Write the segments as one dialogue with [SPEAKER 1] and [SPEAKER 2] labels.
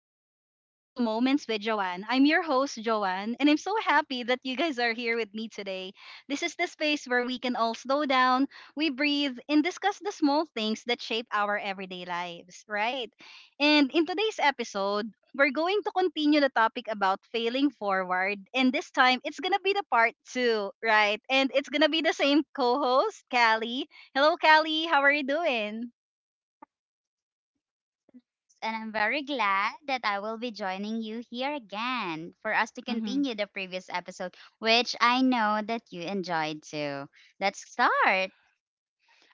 [SPEAKER 1] welcome to Mindful Moments with Joanne. I'm your host, Joanne, and I'm so happy that you guys are here with me today. This is the space where we can all slow down, we breathe, and discuss the small things that shape our everyday lives, right? And in today's episode, we're going to continue the topic about failing forward, and this time it's gonna be the part two, right? And it's gonna be the same co host, Callie. Hello, Callie, how are you doing?
[SPEAKER 2] And I'm very glad that I will be joining you here again for us to
[SPEAKER 1] Mm-hmm.
[SPEAKER 2] continue the previous episode, which I know that you enjoyed too. Let's start.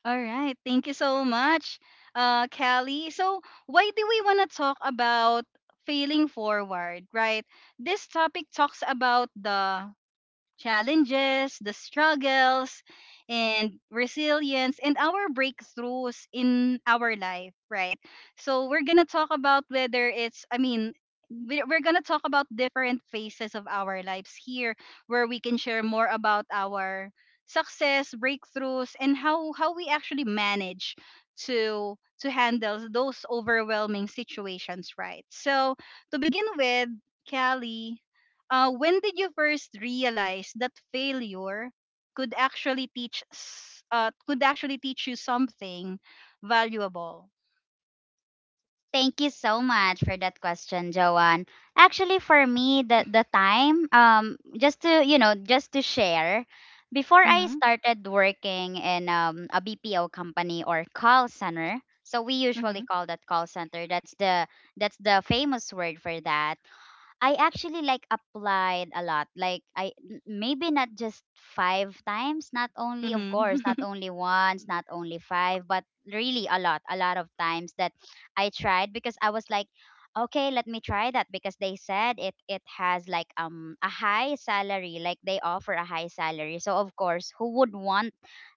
[SPEAKER 1] All right. Thank you so much, Kelly. So, why do we want to talk about failing forward, right? This topic talks about the challenges, the struggles, and resilience, and our breakthroughs in our life, right? So we're gonna talk about whether it's, I mean, we- we're gonna talk about different phases of our lives here, where we can share more about our success, breakthroughs, and how we actually manage to handle those overwhelming situations, right? So to begin with, Kelly, when did you first realize that failure could actually could actually teach you something valuable?
[SPEAKER 2] Thank you so much for that question, Joanne. Actually, for me, the time, just to share, before I
[SPEAKER 1] Mm-hmm.
[SPEAKER 2] started working in a BPO company or call center, so we
[SPEAKER 1] Mm-hmm.
[SPEAKER 2] usually call that call center. That's the famous word for that. I actually like applied a lot. Like maybe not just five times, not only of course, not
[SPEAKER 1] Mm-hmm.
[SPEAKER 2] only once, not only five, but really a lot of times that I tried because I was like, okay, let me try that because they said it has like a high salary, like they offer a high salary. So of course, who would want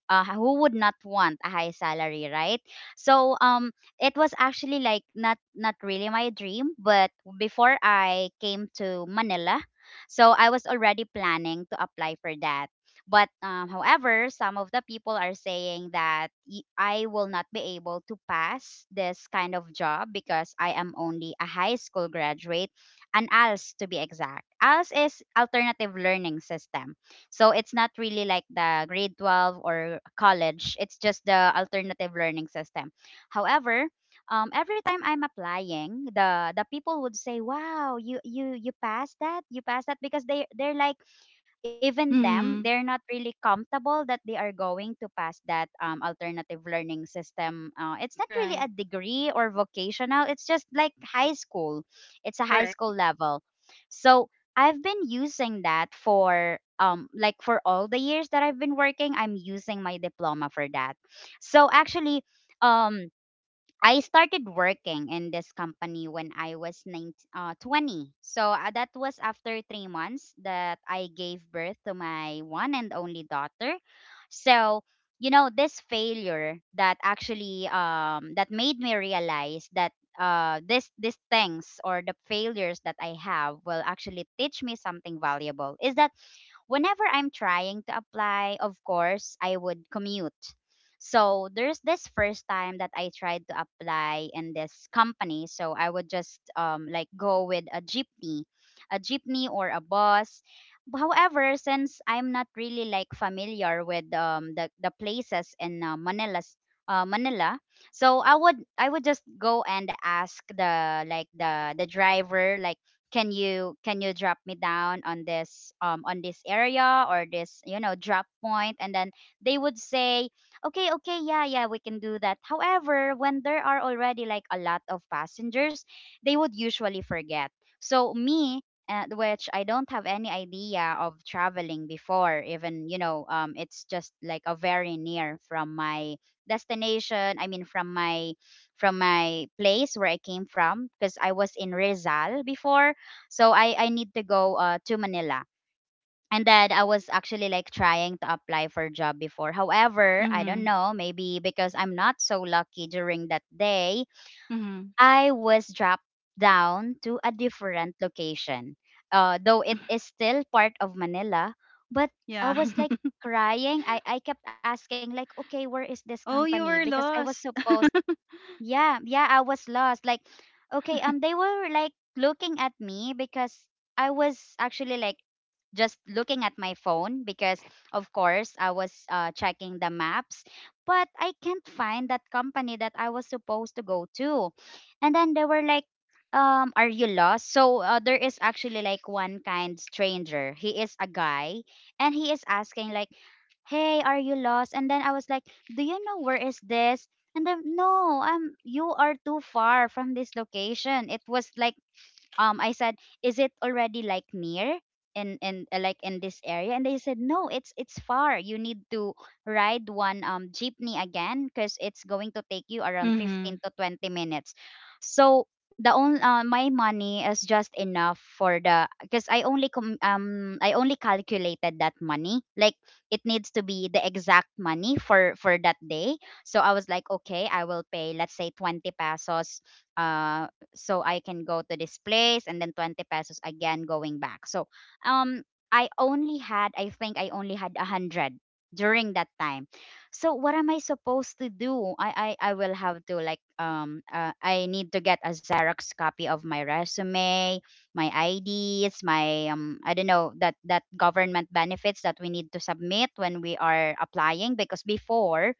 [SPEAKER 2] uh, who would not want a high salary, right? So it was actually like not really my dream, but before I came to Manila, so I was already planning to apply for that. But however, some of the people are saying that I will not be able to pass this kind of job because I am only a high school graduate, and ALS to be exact. ALS is Alternative Learning System, so it's not really like the grade 12 or college. It's just the alternative learning system. However, every time I'm applying, the people would say, "Wow, you passed that, you passed that," because they're like even them
[SPEAKER 1] Mm-hmm.
[SPEAKER 2] they're not really comfortable that they are going to pass that alternative learning system. Uh, it's not really a
[SPEAKER 1] Right.
[SPEAKER 2] degree or vocational, it's just like high school, it's a high school
[SPEAKER 1] Correct.
[SPEAKER 2] level. So I've been using that for like for all the years that I've been working, I'm using my diploma for that. So actually, um I started working in this company when I was 19, 20. So that was after 3 months that I gave birth to my one and only daughter. So, you know, this failure that actually that made me realize that this these things or the failures that I have will actually teach me something valuable is that whenever I'm trying to apply, of course, I would commute. So there's this first time that I tried to apply in this company. So I would just like go with a jeepney or a bus. However, since I'm not really like familiar with the places in Manila, so I would just go and ask the like the driver like can you drop me down on this area or this, you know, drop point. And then they would say, okay, okay, yeah, yeah, we can do that. However, when there are already like a lot of passengers, they would usually forget. So me, which I don't have any idea of traveling before, even it's just like a very near from my destination, I mean from my place where I came from because I was in Rizal before. So I need to go to Manila. And then I was actually like trying to apply for job before. However, I don't
[SPEAKER 1] Mm-hmm.
[SPEAKER 2] know, maybe because I'm not so lucky during that day,
[SPEAKER 1] Mm-hmm.
[SPEAKER 2] I was dropped down to a different location. Though it is still part of Manila, but I
[SPEAKER 1] Yeah.
[SPEAKER 2] was like crying. I kept asking like, okay, where is this
[SPEAKER 1] Oh, you
[SPEAKER 2] company?
[SPEAKER 1] were
[SPEAKER 2] Because I was
[SPEAKER 1] lost.
[SPEAKER 2] supposed. Yeah, yeah, I was lost. Like, okay, they were like looking at me because I was actually like just looking at my phone because of course I was checking the maps, but I can't find that company that I was supposed to go to. And then they were like, are you lost? So there is actually like one kind stranger, he is a guy, and he is asking like, hey, are you lost? And then I was like, do you know where is this? And then, no, you are too far from this location. It was like, I said, is it already like near in like in this area? And they said, no, it's far. You need to ride one jeepney again because it's going to take you around
[SPEAKER 1] Mm-hmm.
[SPEAKER 2] 15 to 20 minutes. So the only my money is just enough for the, because I only I only calculated that money like it needs to be the exact money for that day. So I was like, okay, I will pay let's say 20 pesos, so I can go to this place and then 20 pesos again going back. So um, I only had, I think I only had 100 during that time. So what am I supposed to do? I will have to like, I need to get a Xerox copy of my resume, my IDs, my, I don't know, that government benefits that we need to submit when we are applying. Because before,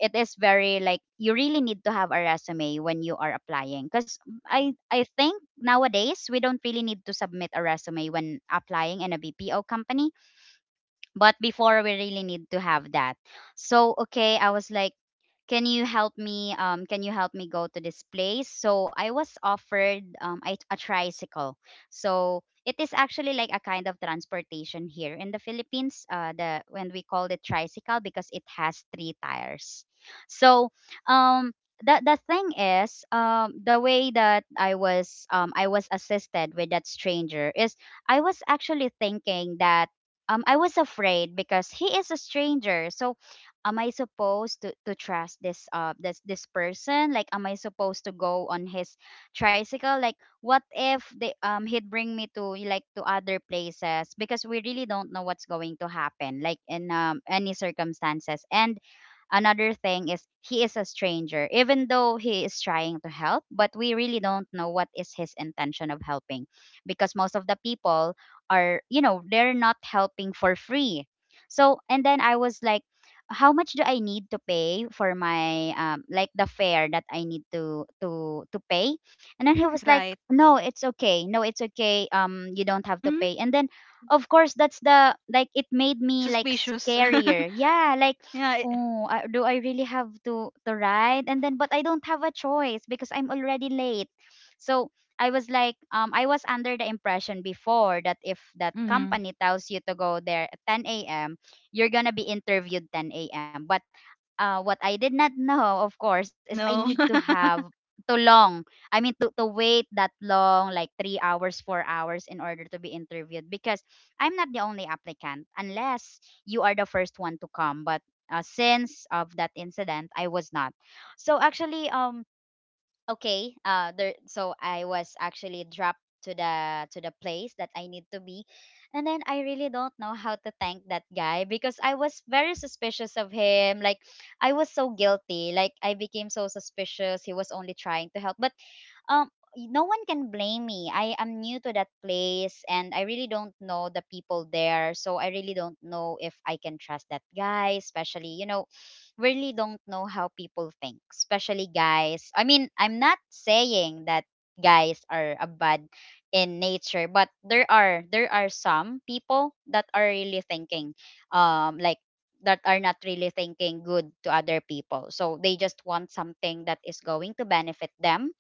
[SPEAKER 2] it is very like you really need to have a resume when you are applying, because I think nowadays we don't really need to submit a resume when applying in a BPO company, but before we really need to have that. So okay, I was like, can you help me go to this place? So I was offered a tricycle. So it is actually like a kind of transportation here in the Philippines, the when we call it tricycle because it has three tires. So um the thing is, the way that I was assisted with that stranger is I was actually thinking that, I was afraid because he is a stranger. So am I supposed to trust this person? Like am I supposed to go on his tricycle? Like what if they he'd bring me to like to other places? Because we really don't know what's going to happen like in any circumstances. And another thing is, he is a stranger, even though he is trying to help, but we really don't know what is his intention of helping, because most of the people are, you know, they're not helping for free. So and then I was like, how much do I need to pay for my, like the fare that I need to to pay? And then he was like,
[SPEAKER 1] Right.
[SPEAKER 2] "No, it's okay. No, it's okay. You don't have to
[SPEAKER 1] Mm-hmm.
[SPEAKER 2] pay." And then of course that's the like it made me like
[SPEAKER 1] Suspicious.
[SPEAKER 2] scarier. Yeah, like,
[SPEAKER 1] Yeah.
[SPEAKER 2] oh, do I really have to ride? And then but I don't have a choice because I'm already late. So I was like, I was under the impression before that if that
[SPEAKER 1] Mm-hmm.
[SPEAKER 2] company tells you to go there at 10 a.m., you're gonna be interviewed 10 a.m. But what I did not know, of course, is I need
[SPEAKER 1] No.
[SPEAKER 2] to have too long. I mean, to wait that long, like 3 hours, 4 hours, in order to be interviewed. Because I'm not the only applicant, unless you are the first one to come. But since of that incident, I was not. So actually, okay there so I was actually dropped to the place that I need to be. And then I really don't know how to thank that guy because I was very suspicious of him. Like I was so guilty, like I became so suspicious. He was only trying to help, but um no one can blame me. I am new to that place and I really don't know the people there. So I really don't know if I can trust that guy, especially, you know, really don't know how people think, especially guys. I mean, I'm not saying that guys are a bad in nature, but there are some people that are really thinking, um, like that are not really thinking good to other people. So they just want something that is going to benefit them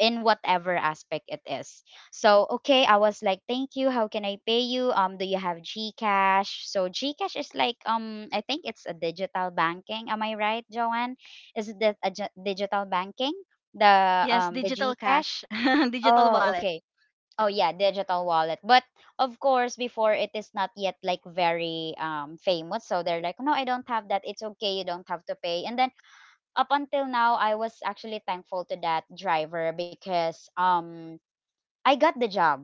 [SPEAKER 2] in whatever aspect it is. So okay, I was like, thank you. How can I pay you? Do you have GCash? So GCash is like, I think it's a digital banking. Am I right, Joanne? Is it a digital banking? The
[SPEAKER 1] Yes,
[SPEAKER 2] um the
[SPEAKER 1] digital
[SPEAKER 2] GCash?
[SPEAKER 1] cash, digital
[SPEAKER 2] Oh,
[SPEAKER 1] wallet.
[SPEAKER 2] okay. Oh yeah, digital wallet. But of course, before it is not yet like very famous, so they're like, no, I don't have that. It's okay, you don't have to pay. And then up until now I was actually thankful to that driver because I got the job.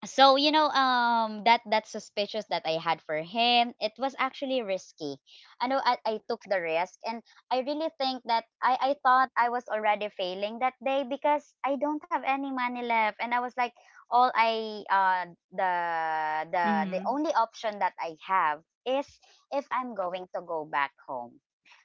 [SPEAKER 2] So that suspicious that I had for him, it was actually risky. I know I took the risk, and I really think that I thought I was already failing that day because I don't have any money left, and I was like, all I the the
[SPEAKER 1] Mm-hmm.
[SPEAKER 2] only option that I have is if I'm going to go back home.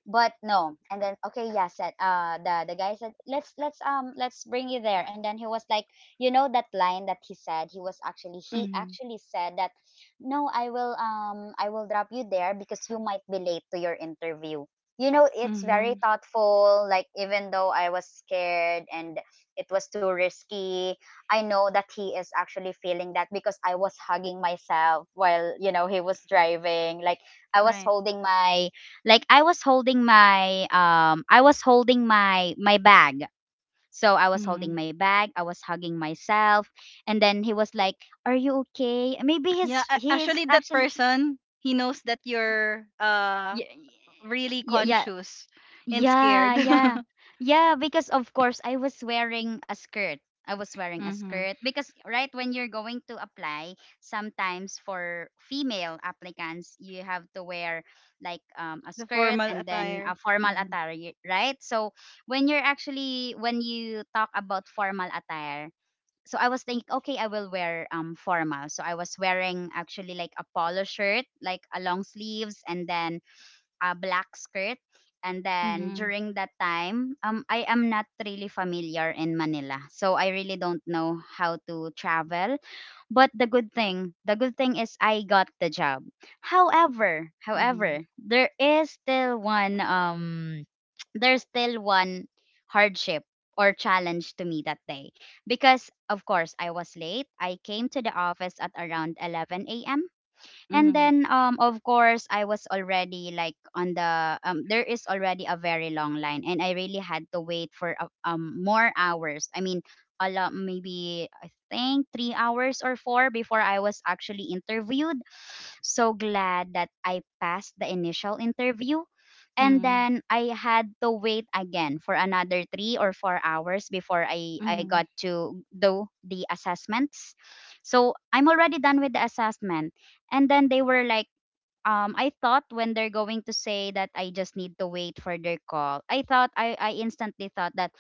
[SPEAKER 2] But no, and then okay, yeah, said the guy said let's let's bring you there, and then he was like that line that he said he
[SPEAKER 1] Mm-hmm.
[SPEAKER 2] actually said that, no, I will I will drop you there because you might be late to your interview. You know, it's very
[SPEAKER 1] Mm-hmm.
[SPEAKER 2] thoughtful. Like even though I was scared and it was too risky, I know that he is actually feeling that because I was hugging myself while he was driving. Like i was
[SPEAKER 1] Right.
[SPEAKER 2] holding my I was holding my I was holding my bag. So I was holding
[SPEAKER 1] Mm-hmm.
[SPEAKER 2] my bag, I was hugging myself, and then he was like, "Are you okay?" Maybe
[SPEAKER 1] Yeah,
[SPEAKER 2] he's
[SPEAKER 1] a-
[SPEAKER 2] he's
[SPEAKER 1] actually that
[SPEAKER 2] actually,
[SPEAKER 1] person, he knows that you're
[SPEAKER 2] yeah,
[SPEAKER 1] really
[SPEAKER 2] yeah, yeah,
[SPEAKER 1] conscious and
[SPEAKER 2] yeah,
[SPEAKER 1] scared.
[SPEAKER 2] yeah. Yeah, because of course I was wearing a skirt. I was wearing a
[SPEAKER 1] Mm-hmm.
[SPEAKER 2] skirt because right when you're going to apply, sometimes for female applicants you have to wear like a
[SPEAKER 1] The
[SPEAKER 2] skirt
[SPEAKER 1] formal
[SPEAKER 2] and then a
[SPEAKER 1] attire.
[SPEAKER 2] formal
[SPEAKER 1] Mm-hmm.
[SPEAKER 2] attire, y- right? So when you're actually when you talk about formal attire, so I was thinking, okay, I will wear formal. So I was wearing actually like a polo shirt, like a long sleeves, and then a black skirt. And then
[SPEAKER 1] Mm-hmm.
[SPEAKER 2] during that time, I am not really familiar in Manila, so I really don't know how to travel. But the good thing is I got the job. However,
[SPEAKER 1] Mm-hmm.
[SPEAKER 2] however, there is still one there's still one hardship or challenge to me that day because of course I was late. I came to the office at around 11 a.m. And
[SPEAKER 1] Mm-hmm.
[SPEAKER 2] then of course I was already like on the there is already a very long line and I really had to wait for more hours. I mean a lot, maybe I think 3 hours or 4 before I was actually interviewed. So glad that I passed the initial interview. And then I had to wait again for another 3 or 4 hours before I
[SPEAKER 1] Mm-hmm.
[SPEAKER 2] I
[SPEAKER 1] Mm-hmm.
[SPEAKER 2] got to do the assessments. So I'm already done with the assessment and then they were like, I thought when they're going to say that I just need to wait for their call, I thought I instantly thought that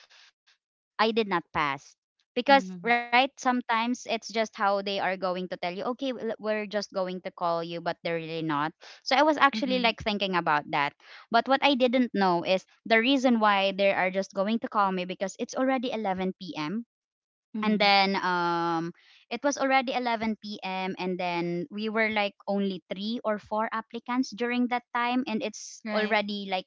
[SPEAKER 2] I did not pass. Because,
[SPEAKER 1] Mm-hmm.
[SPEAKER 2] right, sometimes it's just how they are going to tell you, okay, we'll- we're just going to call you, but they're really not. So I was actually
[SPEAKER 1] Mm-hmm.
[SPEAKER 2] like thinking about that. But what I didn't know is the reason why they are just going to call me because it's already 11 p.m. And
[SPEAKER 1] Mm-hmm.
[SPEAKER 2] then it was already 11 p.m. and then we were like only 3 or 4 applicants during that time and it's
[SPEAKER 1] Right.
[SPEAKER 2] already like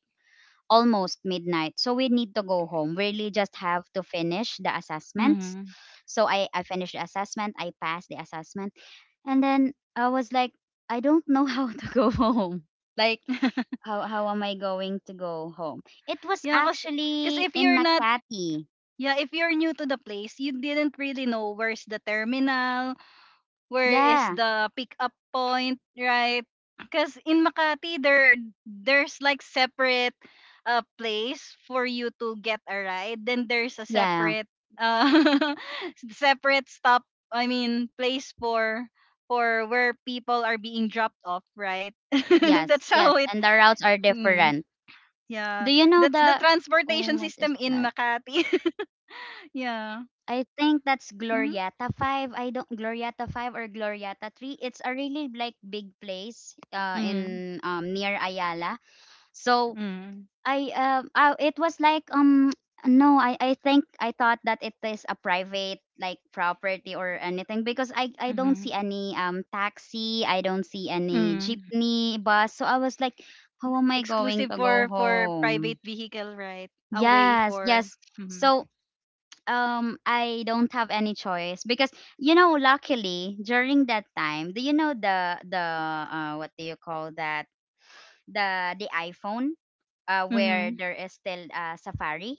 [SPEAKER 2] almost midnight, so we need to go home. We really just have to finish the assessments.
[SPEAKER 1] Mm-hmm.
[SPEAKER 2] So I finished the assessment, I passed the assessment, and then I was like, I don't know how to go home. Like how am I going to go home? It was
[SPEAKER 1] Yeah, cause
[SPEAKER 2] actually
[SPEAKER 1] if
[SPEAKER 2] in
[SPEAKER 1] you're not,
[SPEAKER 2] Makati.
[SPEAKER 1] yeah, if you're new to the place, you didn't really know where's the terminal, where is
[SPEAKER 2] Yeah,
[SPEAKER 1] the pickup point, right? Because in Makati, there's like separate, place for you to get a ride. Then there's a separate,
[SPEAKER 2] yeah.
[SPEAKER 1] uh, separate stop. I mean place for where people are being dropped off, right?
[SPEAKER 2] Yes,
[SPEAKER 1] That's
[SPEAKER 2] yes,
[SPEAKER 1] how it.
[SPEAKER 2] and the routes are
[SPEAKER 1] Mm,
[SPEAKER 2] different.
[SPEAKER 1] yeah,
[SPEAKER 2] Do you know
[SPEAKER 1] that's the
[SPEAKER 2] the
[SPEAKER 1] transportation
[SPEAKER 2] what is
[SPEAKER 1] system in
[SPEAKER 2] that?
[SPEAKER 1] Makati. Yeah.
[SPEAKER 2] I think that's
[SPEAKER 1] Mm-hmm.
[SPEAKER 2] Glorieta 5. I don't, Glorieta 5 or Glorieta 3. It's a really like big place in near Ayala. So
[SPEAKER 1] Mm-hmm.
[SPEAKER 2] I it was like no I I think I thought that it is a private like property or anything because I don't
[SPEAKER 1] Mm-hmm.
[SPEAKER 2] see any taxi, I don't see any
[SPEAKER 1] Mm.
[SPEAKER 2] jeepney bus, so I was like, how am I going
[SPEAKER 1] Exclusive
[SPEAKER 2] to go
[SPEAKER 1] for private
[SPEAKER 2] home?
[SPEAKER 1] vehicle, right? Away
[SPEAKER 2] Yes,
[SPEAKER 1] for
[SPEAKER 2] yes.
[SPEAKER 1] mm-hmm.
[SPEAKER 2] So I don't have any choice because, you know, luckily during that time, do you know the what do you call that the iPhone, where
[SPEAKER 1] Mm-hmm.
[SPEAKER 2] there is still Safari.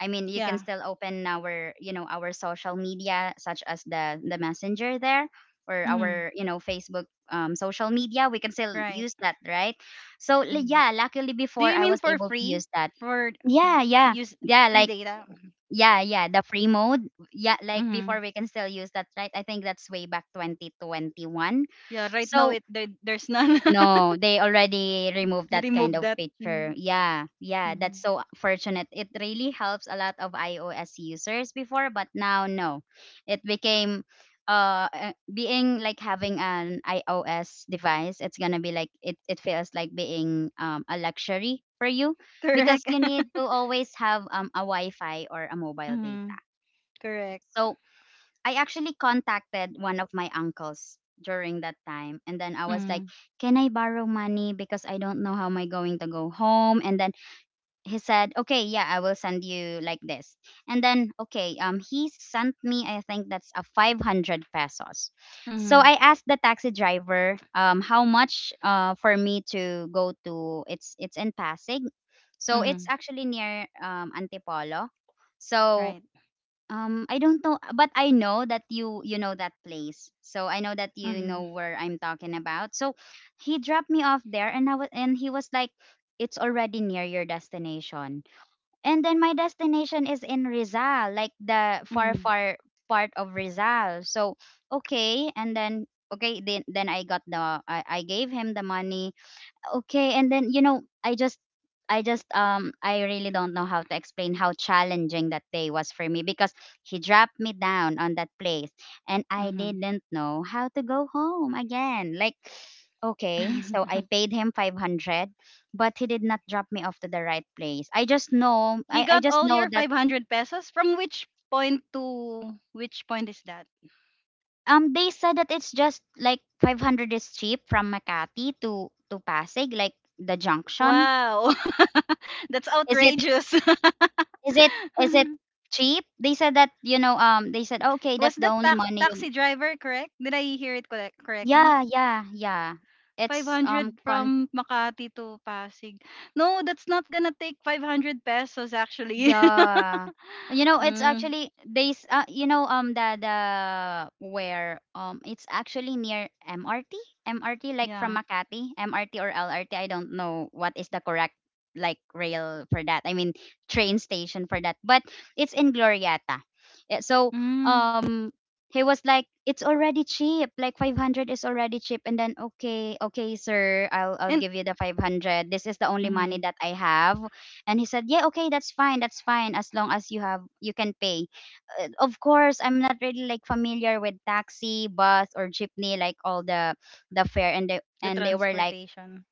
[SPEAKER 2] I mean, you can
[SPEAKER 1] Yeah.
[SPEAKER 2] still open our, you know, our social media such as the messenger there or
[SPEAKER 1] Mm-hmm.
[SPEAKER 2] our, you know, Facebook social media. We can still
[SPEAKER 1] Right.
[SPEAKER 2] use that, right? So li-
[SPEAKER 1] Hmm.
[SPEAKER 2] yeah, luckily
[SPEAKER 1] Do
[SPEAKER 2] before
[SPEAKER 1] you
[SPEAKER 2] I
[SPEAKER 1] mean
[SPEAKER 2] was
[SPEAKER 1] for
[SPEAKER 2] able to
[SPEAKER 1] free,
[SPEAKER 2] use that.
[SPEAKER 1] for
[SPEAKER 2] Yeah, yeah,
[SPEAKER 1] use
[SPEAKER 2] yeah.
[SPEAKER 1] free
[SPEAKER 2] Like
[SPEAKER 1] data? Mm-hmm.
[SPEAKER 2] yeah, yeah. The free mode. Yeah, like
[SPEAKER 1] Mm-hmm.
[SPEAKER 2] before we can still use that, right? I think that's way back 2021.
[SPEAKER 1] Yeah. Right now,
[SPEAKER 2] So
[SPEAKER 1] there's none.
[SPEAKER 2] no, they already removed that
[SPEAKER 1] Remove
[SPEAKER 2] kind of
[SPEAKER 1] that.
[SPEAKER 2] picture.
[SPEAKER 1] Mm-hmm.
[SPEAKER 2] Yeah, yeah,
[SPEAKER 1] Mm-hmm.
[SPEAKER 2] that's so fortunate. It really helps a lot of iOS users before, but now no. It became being like having an iOS device, it's gonna be like it feels like being a luxury for you because
[SPEAKER 1] Correct.
[SPEAKER 2] you need to always have a Wi-Fi or a mobile
[SPEAKER 1] Mm-hmm.
[SPEAKER 2] data.
[SPEAKER 1] Correct.
[SPEAKER 2] So I actually contacted one of my uncles during that time and then I was like,
[SPEAKER 1] Mm-hmm.
[SPEAKER 2] "Can I borrow money because I don't know how am I going to go home?" And then he said, "Okay, yeah, I will send you like this." And then okay, he sent me, I think that's a 500 pesos. So
[SPEAKER 1] Mm-hmm.
[SPEAKER 2] I asked the taxi driver how much for me to go to, it's in Pasig. So it's
[SPEAKER 1] Mm-hmm.
[SPEAKER 2] actually near Antipolo. So
[SPEAKER 1] Right.
[SPEAKER 2] I don't know, but I know that you know that place, so I know that you
[SPEAKER 1] Mm-hmm.
[SPEAKER 2] know where I'm talking about. So he dropped me off there, and I was and he was like, "It's already near your destination." And then my destination is in Rizal, like the far
[SPEAKER 1] Mm-hmm.
[SPEAKER 2] far part of Rizal. So okay, and then okay, then I got I gave him the money, okay. And then, you know, I really don't know how to explain how challenging that day was for me because he dropped me down on that place and I didn't know how to go home again, like okay. So
[SPEAKER 1] Mm-hmm.
[SPEAKER 2] I paid him 500, but he did not drop me off to the right place. I just know
[SPEAKER 1] He
[SPEAKER 2] I
[SPEAKER 1] got
[SPEAKER 2] just
[SPEAKER 1] all
[SPEAKER 2] know
[SPEAKER 1] your
[SPEAKER 2] that
[SPEAKER 1] 500 pesos? From which point to which point is that?
[SPEAKER 2] they said that it's just like 500 is cheap from Makati to Pasig like the junction.
[SPEAKER 1] Wow. That's
[SPEAKER 2] is it
[SPEAKER 1] outrageous.
[SPEAKER 2] Is it is it cheap? They said that, you know, they said, "Okay, that's
[SPEAKER 1] Was
[SPEAKER 2] the
[SPEAKER 1] that
[SPEAKER 2] only money you"—
[SPEAKER 1] taxi driver correct? Did I hear it correctly?
[SPEAKER 2] Yeah, yeah, yeah. It's
[SPEAKER 1] 500
[SPEAKER 2] con
[SPEAKER 1] from Makati to Pasig. No, that's not gonna take 500 pesos actually.
[SPEAKER 2] Yeah. You know, it's
[SPEAKER 1] Mm,
[SPEAKER 2] actually they s- you know, the where it's actually near MRT, MRT like
[SPEAKER 1] yeah.
[SPEAKER 2] from Makati, MRT or LRT, I don't know what is the correct like rail for that. I mean train station for that. But it's in Glorieta. Eh, so
[SPEAKER 1] Mm.
[SPEAKER 2] um he was like it's already cheap. Like 500 is already cheap, and then okay, okay sir, I'll
[SPEAKER 1] And
[SPEAKER 2] give you the 500. This is the only money
[SPEAKER 1] mm,
[SPEAKER 2] that I have, and he said, "Yeah, okay, that's fine. That's fine as long as you can pay." Of course, I'm not really like familiar with taxi, bus or jeepney, like all the fare,
[SPEAKER 1] the
[SPEAKER 2] and they were like,
[SPEAKER 1] transportation.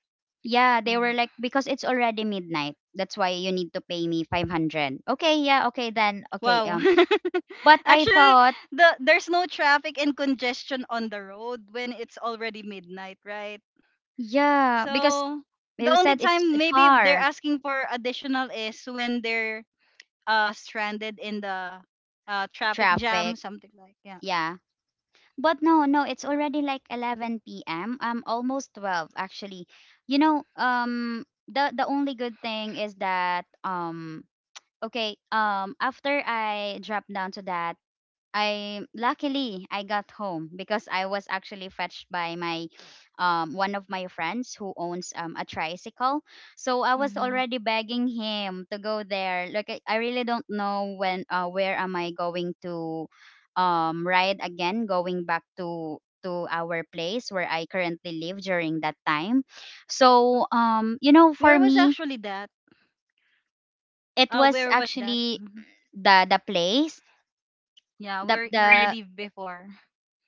[SPEAKER 2] "Yeah," they were
[SPEAKER 1] Mm.
[SPEAKER 2] like, "because it's already midnight. That's why you need to pay me 500." Okay, yeah, okay then. Okay,
[SPEAKER 1] Wow.
[SPEAKER 2] but I
[SPEAKER 1] Actually,
[SPEAKER 2] thought,
[SPEAKER 1] the there's no traffic and congestion on the road when it's already midnight, right?
[SPEAKER 2] yeah, because
[SPEAKER 1] So the
[SPEAKER 2] they
[SPEAKER 1] only
[SPEAKER 2] said it's
[SPEAKER 1] time maybe they're
[SPEAKER 2] far,
[SPEAKER 1] asking for additional is when they're stranded in the traffic jam,
[SPEAKER 2] traffic.
[SPEAKER 1] something like yeah.
[SPEAKER 2] Yeah. But no, no, it's already like 11 p.m. Almost 12 actually. You know, the only good thing is that okay, after I dropped down to that, I got home because I was actually fetched by my one of my friends who owns a tricycle. So I was
[SPEAKER 1] Hmm.
[SPEAKER 2] already begging him to go there, like I really don't know when where am I going to ride again going back to our place where I currently live during that time. So you know,
[SPEAKER 1] Where
[SPEAKER 2] for
[SPEAKER 1] was
[SPEAKER 2] me
[SPEAKER 1] actually that?
[SPEAKER 2] it was
[SPEAKER 1] Where was that?
[SPEAKER 2] actually
[SPEAKER 1] Mhm.
[SPEAKER 2] the place
[SPEAKER 1] Yeah, where you
[SPEAKER 2] the
[SPEAKER 1] live before?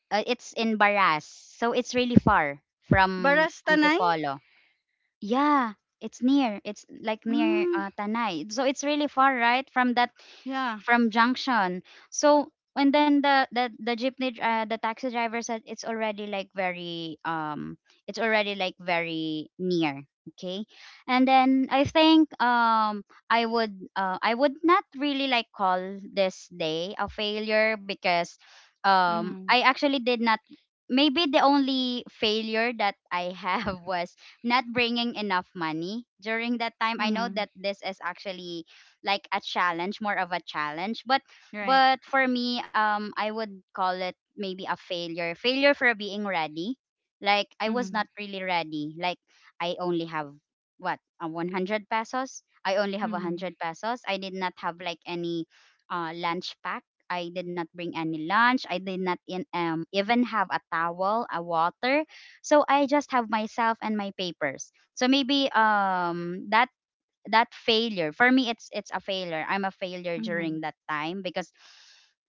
[SPEAKER 2] it's in Baras. So it's really far from
[SPEAKER 1] Barastanay?
[SPEAKER 2] Antipolo. Yeah, it's near. It's like near
[SPEAKER 1] Mm,
[SPEAKER 2] Tanay. So it's really far, right? From that,
[SPEAKER 1] yeah.
[SPEAKER 2] from junction. So, and then the taxi driver said it's already like very it's already like very near. Okay, and then I think I would not really like call this day a failure because
[SPEAKER 1] Mm-hmm.
[SPEAKER 2] I actually did not— maybe the only failure that I have was not bringing enough money during that time. I know
[SPEAKER 1] Mm-hmm.
[SPEAKER 2] that this is actually like a challenge, more of a challenge,
[SPEAKER 1] Right.
[SPEAKER 2] but for me, I would call it maybe a failure, failure for being ready. Like I was
[SPEAKER 1] Mm-hmm.
[SPEAKER 2] not really ready. Like I only have, what, a 100 pesos. I only have
[SPEAKER 1] Mm-hmm.
[SPEAKER 2] 100 pesos. I did not have like any lunch pack. I did not bring any lunch. I did not even have a towel, a water. So I just have myself and my papers. So maybe that failure for me, it's a failure, I'm a failure
[SPEAKER 1] Mm-hmm.
[SPEAKER 2] during that time because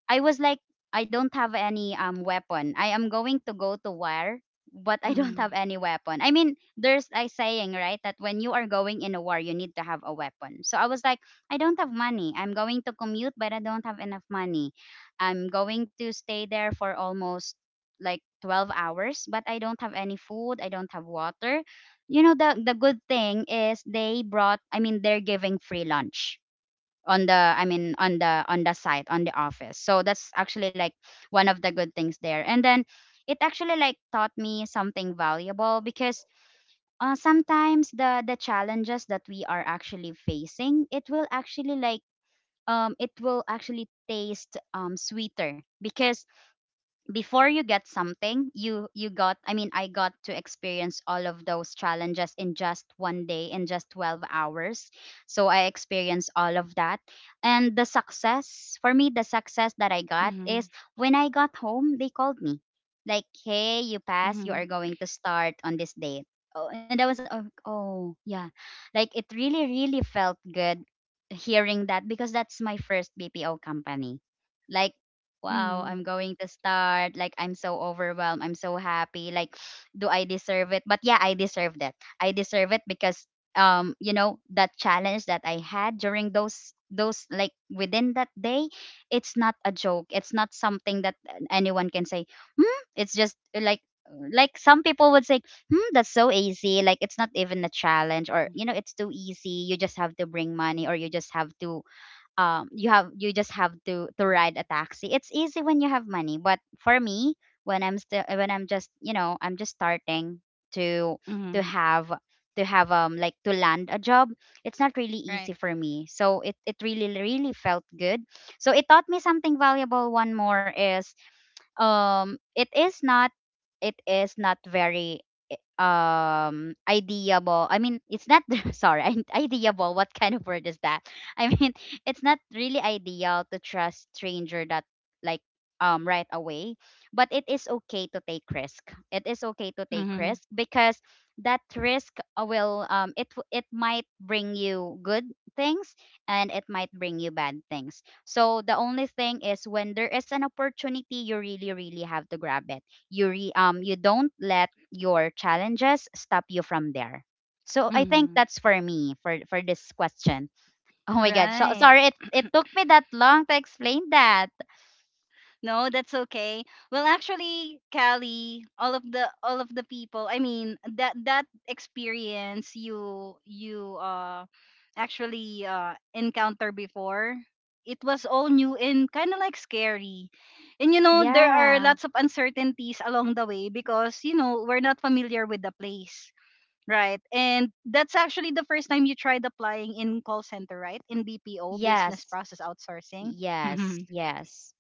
[SPEAKER 2] I was like, I don't have any weapon. I am going to go to war but I don't
[SPEAKER 1] Mm-hmm.
[SPEAKER 2] have any weapon. I mean, there's a saying, right, that when you are going in a war you need to have a weapon. So I was like, I don't have money, I'm going to commute but I don't have enough money. I'm going to stay there for almost like 12 hours but I don't have any food, I don't have water. You know, the good thing is they brought, I mean, they're giving free lunch on the I mean on the site, on the office. So that's actually like one of the good things there. And then it actually like taught me something valuable because sometimes the challenges that we are actually facing, it will actually it will actually taste sweeter because before you get something you got, I mean, I got to experience all of those challenges in just one day, in just 12 hours. So I experienced all of that. And the success for me, the success that I got is
[SPEAKER 1] Mm-hmm.
[SPEAKER 2] when I got home, they called me, like, "Hey, you
[SPEAKER 1] Mm-hmm.
[SPEAKER 2] passed, you
[SPEAKER 1] Mm-hmm.
[SPEAKER 2] are going to start on this day." Oh, and I was, oh, oh yeah, like it really really felt good hearing that because that's my first BPO company. Like, wow,
[SPEAKER 1] Mm-hmm.
[SPEAKER 2] I'm going to start. Like, I'm so overwhelmed. I'm so happy. Like, do I deserve it? But yeah, I deserve that. I deserve it because, that challenge that I had during those like within that day, it's not a joke. It's not something that anyone can say. It's just like some people would say, that's so easy, like, it's not even a challenge, or, you know, it's too easy. You just have to bring money, or you just have to you have you just have to ride
[SPEAKER 1] Mm-hmm.
[SPEAKER 2] a taxi. It's easy when you have money, but for me, when I'm still, when I'm just I'm just starting to to
[SPEAKER 1] Mm-hmm.
[SPEAKER 2] have to have like to land a job, it's not really
[SPEAKER 1] Right.
[SPEAKER 2] easy for me. So it really really felt good. So it taught me something valuable. One more is, um it is not it is not very, ideable, I mean it's not sorry, ideable, what kind of word is that? I mean it's not really ideal to trust stranger that, like right away, but it is okay to take risk. It is okay to take
[SPEAKER 1] Mm-hmm.
[SPEAKER 2] risk because that risk it might bring you good things, and it might bring you bad things. So the only thing is when there is an opportunity, you really, really have to grab it. You don't let your challenges stop you from there. So I think
[SPEAKER 1] Mm-hmm.
[SPEAKER 2] that's for me, for this question. Oh my god, so,
[SPEAKER 1] Right.
[SPEAKER 2] sorry it took me that long to explain that.
[SPEAKER 1] No, that's okay. Well, actually, Callie, all of the people, I mean, that that experience you you actually encounter before, it was all new and kind of like scary. And you know, there are
[SPEAKER 2] Yeah.
[SPEAKER 1] lots of uncertainties along the way because, you know, we're not familiar with the place, right? And that's actually the first time you tried applying in call center, right? In BPO, business
[SPEAKER 2] Yes.
[SPEAKER 1] process outsourcing.
[SPEAKER 2] Yes. Yes.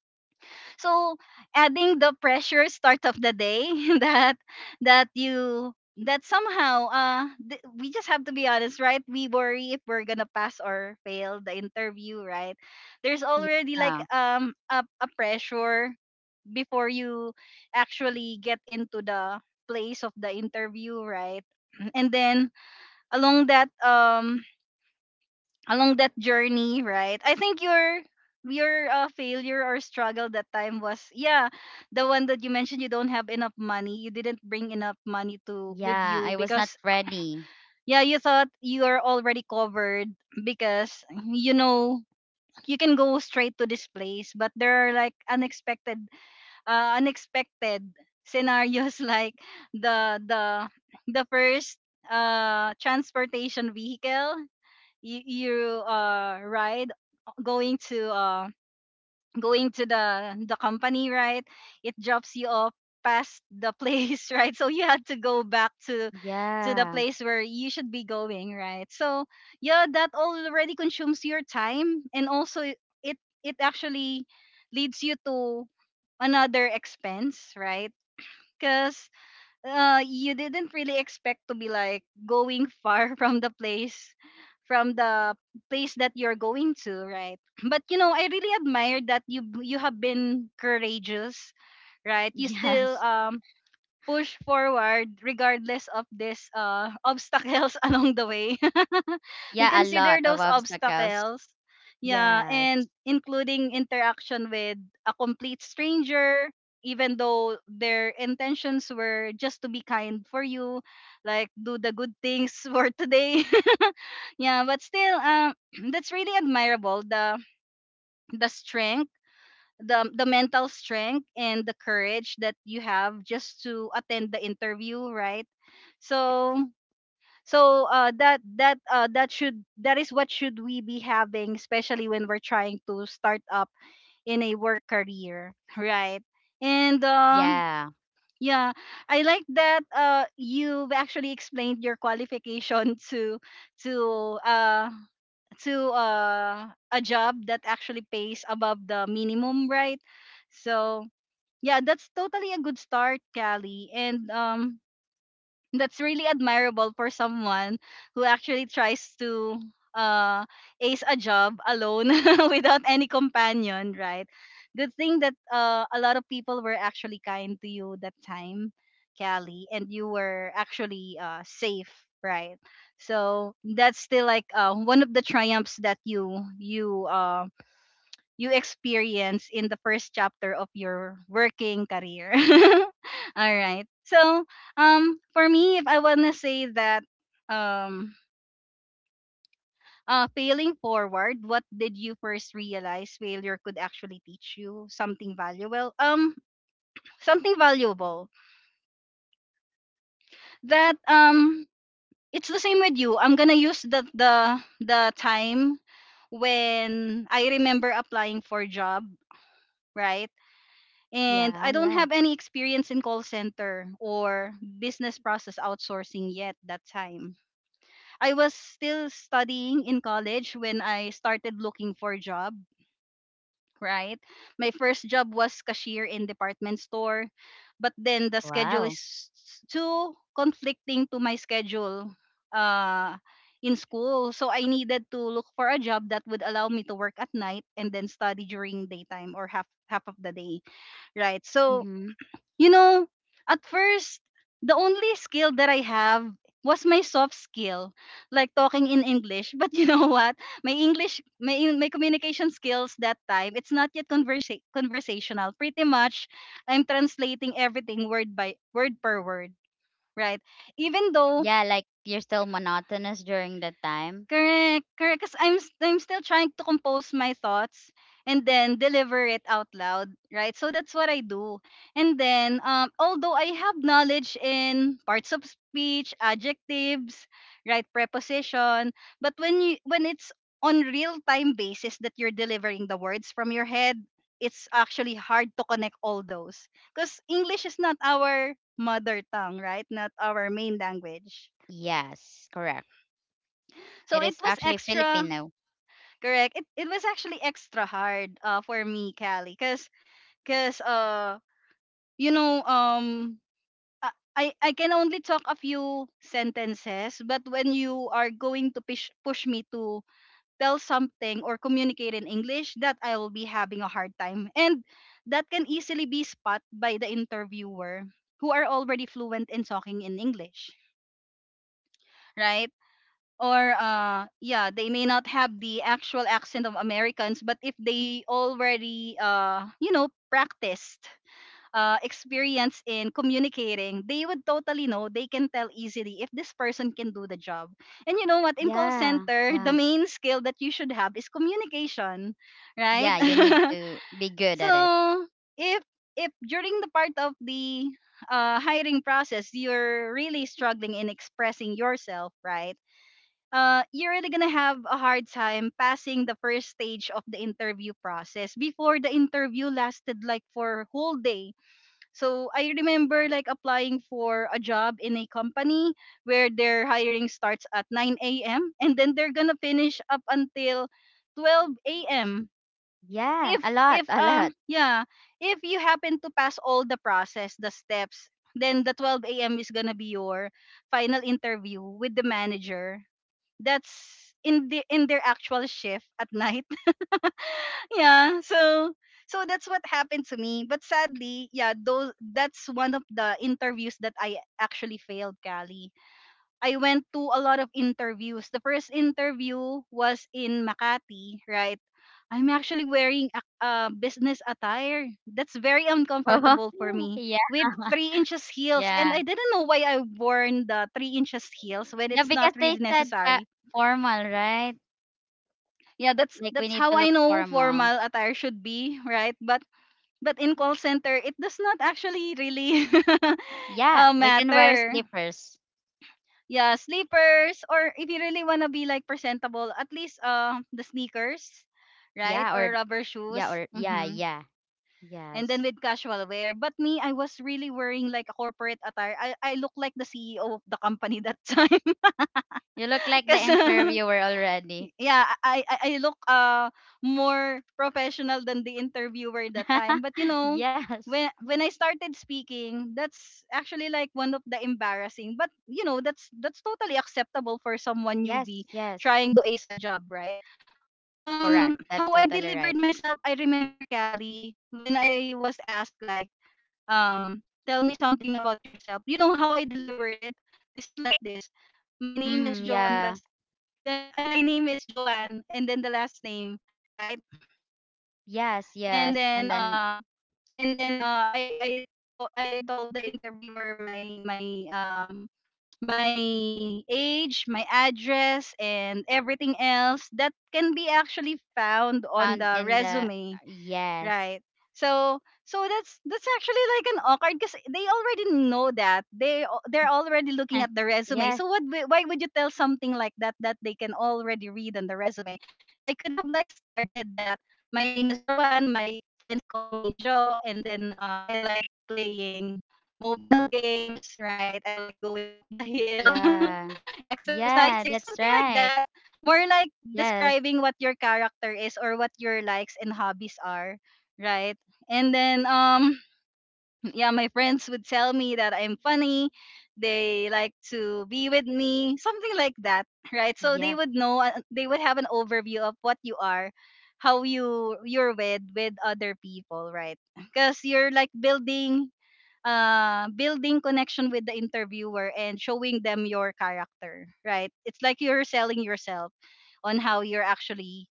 [SPEAKER 1] So, adding the pressure start of the day that that you that somehow, uh, th- we just have to be honest, right? We worry if we're gonna pass or fail the interview, right? There's already like,
[SPEAKER 2] Yeah.
[SPEAKER 1] um, a pressure before you actually get into the place of the interview, right? And then along that, um, along that journey, right? I think your failure or struggle that time was, yeah, the one that you mentioned, you don't have enough money, you didn't bring enough money to with
[SPEAKER 2] Yeah.
[SPEAKER 1] you,
[SPEAKER 2] I was not
[SPEAKER 1] because
[SPEAKER 2] ready.
[SPEAKER 1] yeah, you thought you are already covered because, you know, you can go straight to this place, but there are like unexpected, unexpected scenarios, like the the the first transportation vehicle you, you ride going to, uh, going to the company, right? It drops you off past the place, right? So you had to go back to the
[SPEAKER 2] Yeah.
[SPEAKER 1] place where you should be going, right? So yeah, that already consumes your time, and also it it actually leads you to another expense, right? Because you didn't really expect to be like going far from the place, from the place that you're going to, right? But you know, I really admire that you have been courageous, right? You still,
[SPEAKER 2] Yes.
[SPEAKER 1] um, push forward regardless of this, obstacles along the way. We
[SPEAKER 2] Yeah. A
[SPEAKER 1] consider
[SPEAKER 2] lot of
[SPEAKER 1] those
[SPEAKER 2] obstacles.
[SPEAKER 1] obstacles. Yeah,
[SPEAKER 2] Yes.
[SPEAKER 1] and including interaction with a complete stranger, even though their intentions were just to be kind for you, like do the good things for today. Yeah, but still, that's really admirable. The strength, the mental strength and the courage that you have just to attend the interview, right? So, so that that should that is what should we be having, especially when we're trying to start up in a work career, right? And um,
[SPEAKER 2] Yeah.
[SPEAKER 1] yeah, I like that you've actually explained your qualification to to uh to a job that actually pays above the minimum, right? So yeah, that's totally a good start, Callie. And um, that's really admirable for someone who actually tries to, uh, ace a job alone without any companion, right? Good thing that a lot of people were actually kind to you that time, Callie, and you were actually safe, right? So that's still like one of the triumphs that you you experience in the first chapter of your working career. All right. So, for me, if I wanna say that, um, failing forward, what did you first realize failure could actually teach you? Something valuable. Something valuable that, it's the same with you. I'm gonna use the time when I remember applying for job, right? And
[SPEAKER 2] Yeah,
[SPEAKER 1] I don't
[SPEAKER 2] yeah.
[SPEAKER 1] have any experience in call center or business process outsourcing yet that time. I was still studying in college when I started looking for a job, right? My first job was cashier in department store, but then the schedule
[SPEAKER 2] Wow.
[SPEAKER 1] is too conflicting to my schedule uh in school. So I needed to look for a job that would allow me to work at night and then study during daytime or half of the day, right? So
[SPEAKER 2] Mhm.
[SPEAKER 1] you know, at first, the only skill that I have was my soft skill, like talking in English. But you know what? My English, my, my communication skills that time, it's not yet conversational. Pretty much, I'm translating everything word by word per word, right? Even though
[SPEAKER 2] Yeah, like you're still monotonous during that time.
[SPEAKER 1] correct, correct. Because I'm still trying to compose my thoughts and then deliver it out loud, right? So that's what I do. And then, although I have knowledge in parts of speech, adjectives, right, preposition, but when you when it's on real time basis that you're delivering the words from your head, it's actually hard to connect all those because English is not our mother tongue, right? Not our main language.
[SPEAKER 2] Yes, correct.
[SPEAKER 1] So
[SPEAKER 2] It
[SPEAKER 1] it
[SPEAKER 2] is
[SPEAKER 1] was
[SPEAKER 2] actually
[SPEAKER 1] extra
[SPEAKER 2] Filipino.
[SPEAKER 1] correct. It was actually extra hard for me, Callie, cause you know I I can only talk a few sentences, but when you are going to push me to tell something or communicate in English, that I will be having a hard time, and that can easily be spot by the interviewer who are already fluent in talking in English, right? Or yeah, they may not have the actual accent of Americans, but if they already you know practiced experience in communicating, they would totally know, they can tell easily if this person can do the job. And you know what, in call
[SPEAKER 2] Yeah,
[SPEAKER 1] center the
[SPEAKER 2] yeah.
[SPEAKER 1] main skill that you should have is communication, right?
[SPEAKER 2] Yeah, you need to be good
[SPEAKER 1] So
[SPEAKER 2] at it.
[SPEAKER 1] if during the part of the hiring process you're really struggling in expressing yourself, right, you're really gonna have a hard time passing the first stage of the interview process. Before the interview lasted like for whole day. So I remember like applying for a job in a company where their hiring starts at 9 a.m. and then they're gonna finish up until 12 a.m.
[SPEAKER 2] Yeah,
[SPEAKER 1] If
[SPEAKER 2] a lot,
[SPEAKER 1] if
[SPEAKER 2] a
[SPEAKER 1] uh
[SPEAKER 2] lot.
[SPEAKER 1] yeah if you happen to pass all the process the steps, then the 12 a.m. is gonna be your final interview with the manager that's in their actual shift at night. Yeah. So that's what happened to me, but sadly, yeah, those that's one of the interviews that I actually failed, Kali. I went to a lot of interviews. The first interview was in Makati, right? I'm actually wearing a business attire that's very uncomfortable for me,
[SPEAKER 2] Yeah,
[SPEAKER 1] with 3 inches heels, and
[SPEAKER 2] yeah.
[SPEAKER 1] I didn't know why I worn the 3 inches heels when
[SPEAKER 2] Yeah,
[SPEAKER 1] it's not
[SPEAKER 2] because they
[SPEAKER 1] really
[SPEAKER 2] said ca-
[SPEAKER 1] necessary.
[SPEAKER 2] formal, right?
[SPEAKER 1] Yeah, that's
[SPEAKER 2] Like we
[SPEAKER 1] that's
[SPEAKER 2] need
[SPEAKER 1] how
[SPEAKER 2] to
[SPEAKER 1] I
[SPEAKER 2] look
[SPEAKER 1] know
[SPEAKER 2] formal.
[SPEAKER 1] formal attire should be, right? But in call center it does not actually really,
[SPEAKER 2] Yeah, we can wear
[SPEAKER 1] matter.
[SPEAKER 2] slippers.
[SPEAKER 1] Yeah, sleepers, or if you really want to be like presentable, at least the sneakers, right?
[SPEAKER 2] Yeah, or
[SPEAKER 1] Or rubber shoes.
[SPEAKER 2] yeah, or yeah,
[SPEAKER 1] Mm-hmm.
[SPEAKER 2] yeah,
[SPEAKER 1] And then
[SPEAKER 2] yes.
[SPEAKER 1] with casual wear. But me, I was really wearing like a corporate attire. I look like the CEO of the company that time.
[SPEAKER 2] You look like the
[SPEAKER 1] Because
[SPEAKER 2] interviewer already.
[SPEAKER 1] yeah, I look more professional than the interviewer that time. But you know,
[SPEAKER 2] Yes.
[SPEAKER 1] when I started speaking, that's actually like one of the embarrassing. But you know, that's totally acceptable for someone
[SPEAKER 2] Yes,
[SPEAKER 1] newbie
[SPEAKER 2] yes,
[SPEAKER 1] trying to ace a job, right?
[SPEAKER 2] correct. That's
[SPEAKER 1] How I
[SPEAKER 2] totally right.
[SPEAKER 1] delivered myself, I remember Callie, when I was asked like, um "Tell me something about yourself." You know how I delivered it? This is like this. "My name is
[SPEAKER 2] Mm,
[SPEAKER 1] Joanne
[SPEAKER 2] yeah,
[SPEAKER 1] My, my name is Joanne," and then the last name, right?
[SPEAKER 2] yes,
[SPEAKER 1] And
[SPEAKER 2] yes.
[SPEAKER 1] then
[SPEAKER 2] And then
[SPEAKER 1] and then I to- I told the interviewer my um age, my address, and everything else that can be actually found on
[SPEAKER 2] found
[SPEAKER 1] the
[SPEAKER 2] in the,
[SPEAKER 1] resume,
[SPEAKER 2] yes.
[SPEAKER 1] right? So that's actually like an awkward, because they already know that they're already looking at the resume.
[SPEAKER 2] Yes,
[SPEAKER 1] So why would you tell something like that that they can already read on the resume? I could have like started that, "My name is Joanne, my friends call me Joe, and then I like playing mobile games," right? "I like going up the hill,
[SPEAKER 2] yeah, yeah.
[SPEAKER 1] exercising,"
[SPEAKER 2] That's
[SPEAKER 1] something like
[SPEAKER 2] right.
[SPEAKER 1] that. More like
[SPEAKER 2] Yes,
[SPEAKER 1] describing what your character is, or what your likes and hobbies are, right? And then yeah, "My friends would tell me that I'm funny. They like to be with me," something like that, right? So
[SPEAKER 2] yeah,
[SPEAKER 1] they would know, they would have an overview of what you are, how you're with other people, right? Cuz you're like building building connection with the interviewer and showing them your character, right? It's like you're selling yourself on how you're actually,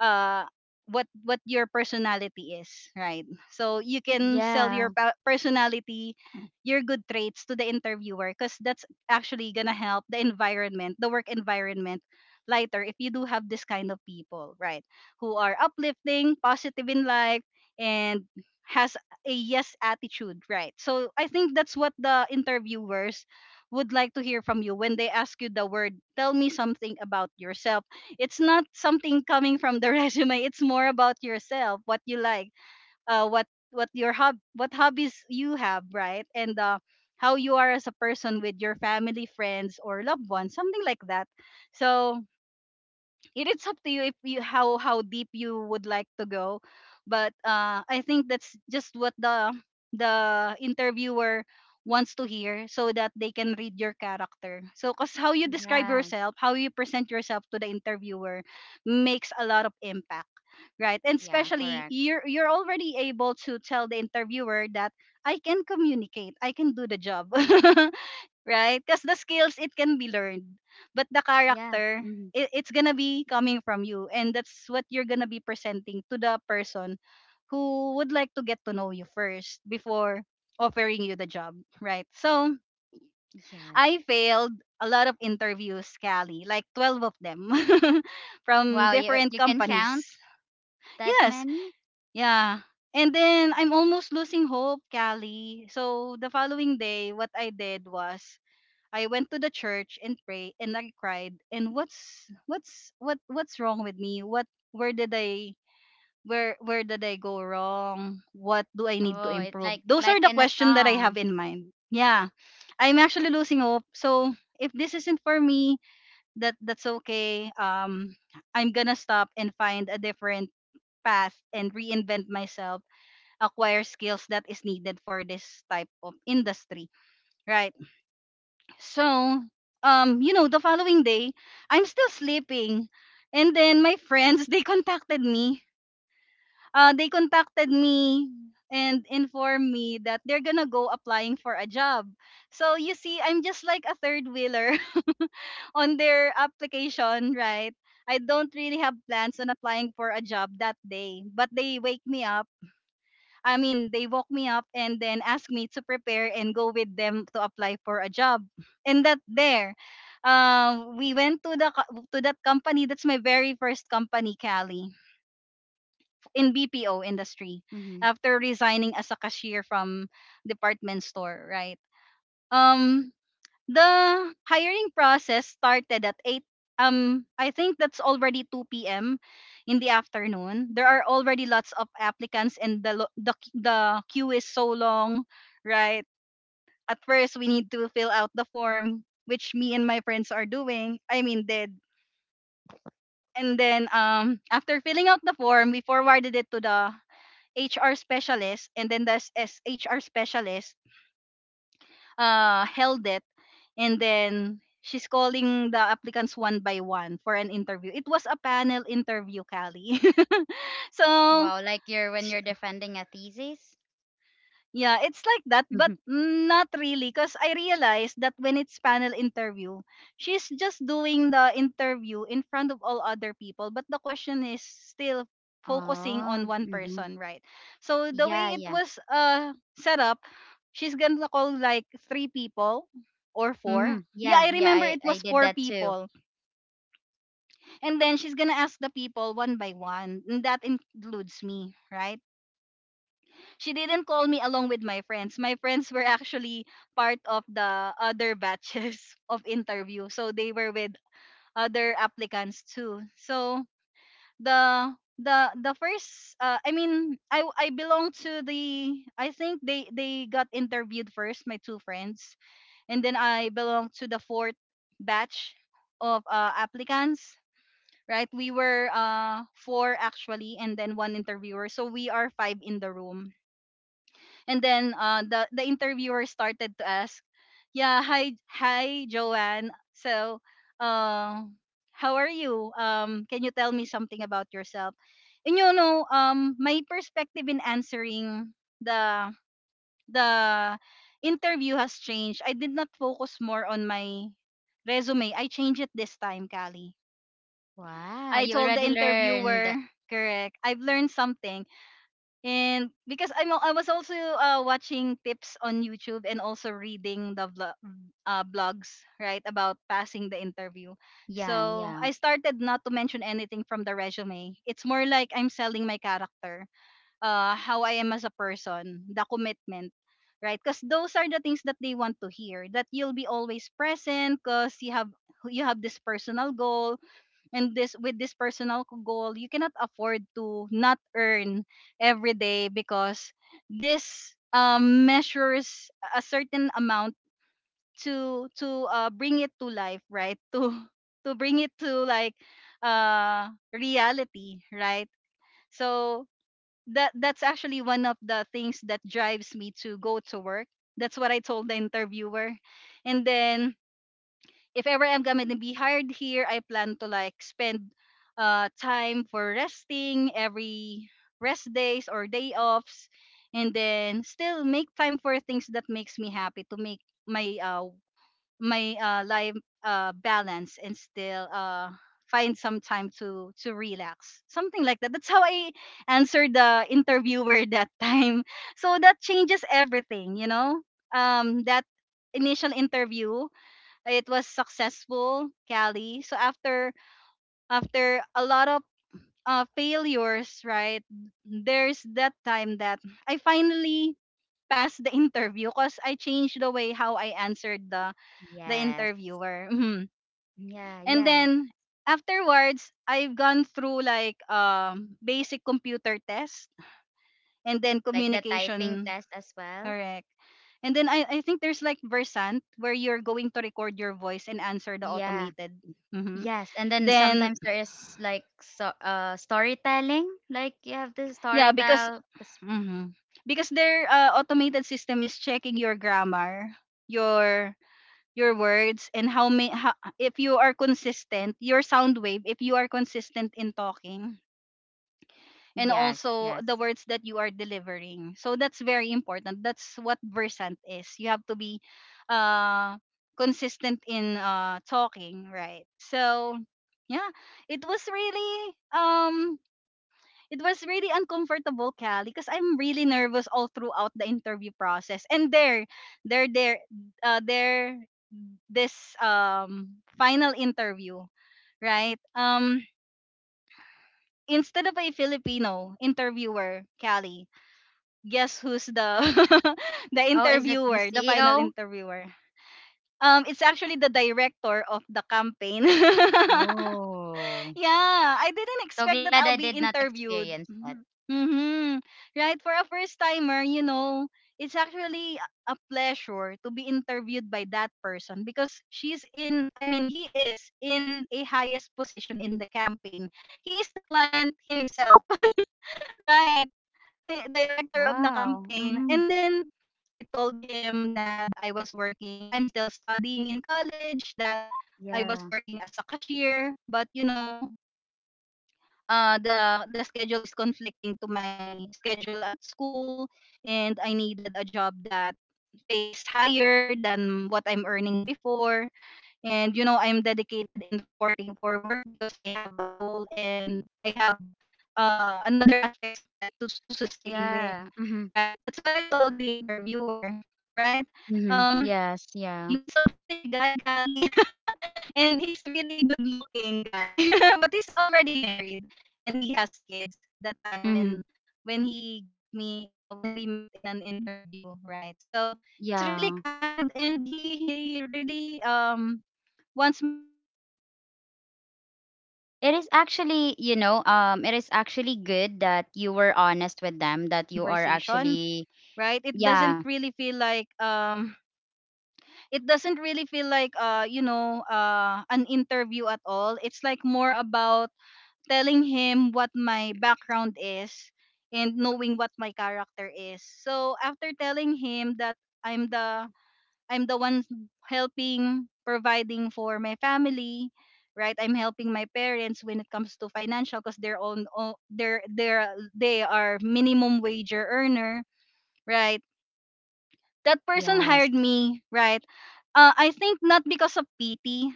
[SPEAKER 1] uh, what your personality is, right? So you can sell your
[SPEAKER 2] yeah,
[SPEAKER 1] personality, your good traits to the interviewer, because that's actually gonna help the environment, the work environment, lighter if you do have this kind of people, right? Who are uplifting, positive in life, and has a yes attitude, right? So I think that's what the interviewers would like to hear from you when they ask you the word, "Tell me something about yourself." It's not something coming from the resume. It's more about yourself, what you like, what your hob what hobbies you have, right? And how you are as a person with your family, friends, or loved ones, something like that. So it is up to you if you how deep you would like to go. But I think that's just what the interviewer wants to hear, so that they can read your character. So because how you describe
[SPEAKER 2] yes,
[SPEAKER 1] yourself, how you present yourself to the interviewer makes a lot of impact, right? And
[SPEAKER 2] yeah.
[SPEAKER 1] especially
[SPEAKER 2] Correct.
[SPEAKER 1] you're already able to tell the interviewer that I can communicate, I can do the job. Right? Because the skills, it can be learned, but the
[SPEAKER 2] Yeah.
[SPEAKER 1] character,
[SPEAKER 2] Mhm,
[SPEAKER 1] it's gonna be coming from you, and that's what you're gonna be presenting to the person who would like to get to know you first before offering you the job, right? So
[SPEAKER 2] yes.
[SPEAKER 1] I failed a lot of interviews, Callie, like 12 of them, from
[SPEAKER 2] Wow. You
[SPEAKER 1] different
[SPEAKER 2] you can count
[SPEAKER 1] companies.
[SPEAKER 2] that
[SPEAKER 1] Yes,
[SPEAKER 2] many?
[SPEAKER 1] yeah. And then I'm almost losing hope, Callie. So the following day, what I did was I went to the church and prayed and I cried, and what's wrong with me? What, where did I where did I go wrong? What do I need to
[SPEAKER 2] Oh, it's
[SPEAKER 1] improve?
[SPEAKER 2] like
[SPEAKER 1] Those
[SPEAKER 2] like
[SPEAKER 1] are the
[SPEAKER 2] in a
[SPEAKER 1] questions that I
[SPEAKER 2] song.
[SPEAKER 1] have in mind. Yeah. I'm actually losing hope. So if this isn't for me, that's okay. I'm gonna stop and find a different path and reinvent myself, acquire skills that is needed for this type of industry. Right. So, you know, the following day, I'm still sleeping. And then my friends, they contacted me. They contacted me and informed me that they're gonna go applying for a job. So you see, I'm just like a third wheeler on their application, right? I don't really have plans on applying for a job that day, but they wake me up, I mean, they woke me up and then asked me to prepare and go with them to apply for a job. And that there, we went to the to that company. That's my very first company, Cali, in BPO industry,
[SPEAKER 2] Hmm.
[SPEAKER 1] after resigning as a cashier from department store, right? Um, the hiring process started at 8, I think that's already 2 p.m. in the afternoon. There are already lots of applicants, and the lo- the q- the queue is so long, right? At first we need to fill out the form, which me and my friends are doing, I mean, did. And then after filling out the form, we forwarded it to the HR specialist, and then the HR specialist held it, and then she's calling the applicants one by one for an interview. It was a panel interview, Callie. So
[SPEAKER 2] Wow. Like you're when
[SPEAKER 1] sh-
[SPEAKER 2] you're defending a thesis.
[SPEAKER 1] yeah, it's like that,
[SPEAKER 2] Mm-hmm.
[SPEAKER 1] but not really, because I realized that when it's panel interview, she's just doing the interview in front of all other people, but the question is still focusing on
[SPEAKER 2] Oh,
[SPEAKER 1] one
[SPEAKER 2] mhm.
[SPEAKER 1] person, right? So the
[SPEAKER 2] Yeah,
[SPEAKER 1] way it
[SPEAKER 2] yeah.
[SPEAKER 1] was set up, she's gonna call like three people or four.
[SPEAKER 2] Mhm.
[SPEAKER 1] Yeah,
[SPEAKER 2] Yeah,
[SPEAKER 1] I
[SPEAKER 2] yeah.
[SPEAKER 1] remember
[SPEAKER 2] I
[SPEAKER 1] it
[SPEAKER 2] I
[SPEAKER 1] was
[SPEAKER 2] did
[SPEAKER 1] four
[SPEAKER 2] that too.
[SPEAKER 1] people. And then she's gonna ask the people one by one, and that includes me, right? She didn't call me along with my friends. My friends were actually part of the other batches of interview, so they were with other applicants too. So the the first I mean I belong to the, I think they got interviewed first, my two friends, and then I belong to the fourth batch of applicants, right? We were four actually, and then one interviewer. So we are five in the room. And then the interviewer started to ask, "Yeah, hi Joanne. So, uh how are you? Can you tell me something about yourself?" And you know, my perspective in answering the the interview has changed. I did not focus more on my resume. I changed it this time, Callie.
[SPEAKER 2] Wow,
[SPEAKER 1] I
[SPEAKER 2] you
[SPEAKER 1] told the
[SPEAKER 2] already learned.
[SPEAKER 1] interviewer, correct. I've learned something. And because I was also watching tips on YouTube and also reading the vlog, blogs, right, about passing the interview.
[SPEAKER 2] Yeah,
[SPEAKER 1] So,
[SPEAKER 2] yeah.
[SPEAKER 1] I started not to mention anything from the resume. It's more like I'm selling my character, how I am as a person, the commitment, right? Because those are the things that they want to hear, that you'll be always present, because you have, this personal goal, and this personal goal, you cannot afford to not earn every day, because this measures a certain amount to bring it to life, right, to bring it to like reality, right? So that's actually one of the things that drives me to go to work. That's what I told the interviewer. And then if ever I'm gonna be hired here, I plan to like spend time for resting every rest days or day offs, and then still make time for things that makes me happy, to make my uh my life balance, and still find some time to relax, something like that. That's how I answered the interviewer that time. So that changes everything, you know. That initial interview, it was successful, Callie. So after a lot of failures, right? There's that time that I finally passed the interview, because I changed the way how I answered the
[SPEAKER 2] Yes.
[SPEAKER 1] interviewer. Mhm.
[SPEAKER 2] Yeah,
[SPEAKER 1] And
[SPEAKER 2] yeah.
[SPEAKER 1] then afterwards, I've gone through like basic computer test and then
[SPEAKER 2] Like the typing
[SPEAKER 1] communication,
[SPEAKER 2] test as well.
[SPEAKER 1] correct. And then I think there's like Versant, where you're going to record your voice and answer the
[SPEAKER 2] Yeah.
[SPEAKER 1] automated. Mhm.
[SPEAKER 2] Yes. And then
[SPEAKER 1] Then
[SPEAKER 2] sometimes there is like so storytelling. Like you have to
[SPEAKER 1] yeah, because
[SPEAKER 2] storytell.
[SPEAKER 1] mhm. because their automated system is checking your grammar, your your words and how if you are consistent, your sound wave, if you are consistent in talking and
[SPEAKER 2] Yes,
[SPEAKER 1] also
[SPEAKER 2] yes.
[SPEAKER 1] the words that you are delivering. So that's very important. That's what Versant is. You have to be uh consistent in talking, right? So yeah, it was really uncomfortable, Cal, because I'm really nervous all throughout the interview process. And there, there, this final interview, right? Instead of a Filipino interviewer, Callie, guess who's the the
[SPEAKER 2] Oh, is it the
[SPEAKER 1] interviewer, the final
[SPEAKER 2] CEO?
[SPEAKER 1] interviewer? It's actually the director of the campaign.
[SPEAKER 2] Oh.
[SPEAKER 1] Yeah, I didn't
[SPEAKER 2] So
[SPEAKER 1] expect
[SPEAKER 2] glad I
[SPEAKER 1] that I'll
[SPEAKER 2] did
[SPEAKER 1] be
[SPEAKER 2] not experience
[SPEAKER 1] interviewed.
[SPEAKER 2] that.
[SPEAKER 1] Mm-hmm. Mm-hmm. Right, for a first timer, it's actually a pleasure to be interviewed by that person because she's in, I mean, he is in a highest position in the campaign. He is the client himself, right? The director of the
[SPEAKER 2] Wow. Mhm.
[SPEAKER 1] campaign. And then I told him that I was working, I'm still studying in college, that I
[SPEAKER 2] Yeah.
[SPEAKER 1] was working as a cashier, but the schedule is conflicting to my schedule at school and I needed a job that pays higher than what I'm earning before, and I'm dedicated in reporting for work because I have a goal and I have another aspects of life to sustain with,
[SPEAKER 2] Yeah. Mm-hmm.
[SPEAKER 1] right? That's what I told the interviewer, right?
[SPEAKER 2] Mm-hmm.
[SPEAKER 1] um
[SPEAKER 2] Yes. Yeah.
[SPEAKER 1] he was a British guy, Kali, and he's really good looking guy, but he's already married and he has kids that time
[SPEAKER 2] Mm-hmm.
[SPEAKER 1] when he got me, when we met in an interview, right? So he's really
[SPEAKER 2] Yeah.
[SPEAKER 1] kind and he really wants me to make to, he
[SPEAKER 2] It is
[SPEAKER 1] really
[SPEAKER 2] actually, you know,
[SPEAKER 1] made an
[SPEAKER 2] it is
[SPEAKER 1] effort to
[SPEAKER 2] actually
[SPEAKER 1] make me
[SPEAKER 2] good that you were
[SPEAKER 1] comfortable all
[SPEAKER 2] honest with
[SPEAKER 1] throughout
[SPEAKER 2] them,
[SPEAKER 1] our
[SPEAKER 2] that you are
[SPEAKER 1] conversation,
[SPEAKER 2] actually,
[SPEAKER 1] right? It doesn't
[SPEAKER 2] yeah.
[SPEAKER 1] really feel like it doesn't really feel like you know an interview at all. It's like more about telling him what my background is and knowing what my character is. So after telling him that i'm the I'm the one helping providing for my family, right? I'm helping my parents when it comes to financial because they're on o- they're they are minimum wager earner, right? That person
[SPEAKER 2] Yes.
[SPEAKER 1] hired me, right? I think not because of pity.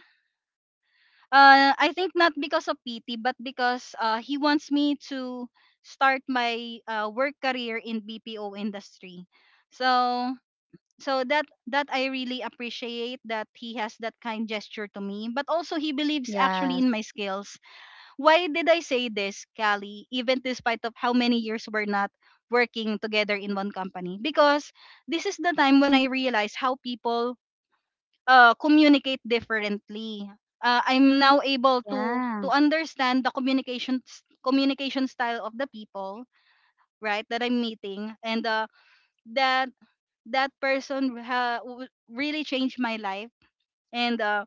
[SPEAKER 1] I think not because of pity, but because he wants me to start my work career in BPO industry. So that I really appreciate that he has that kind gesture to me, but also he believes actually
[SPEAKER 2] Yes.
[SPEAKER 1] in my skills. Why did I say this, Callie, even despite of how many years we're not working together in one company? Because this is the time when I realized how people communicate differently. I'm now able to
[SPEAKER 2] Yeah.
[SPEAKER 1] to understand the communication style of the people, right, that I'm meeting, and that that person really changed my life. And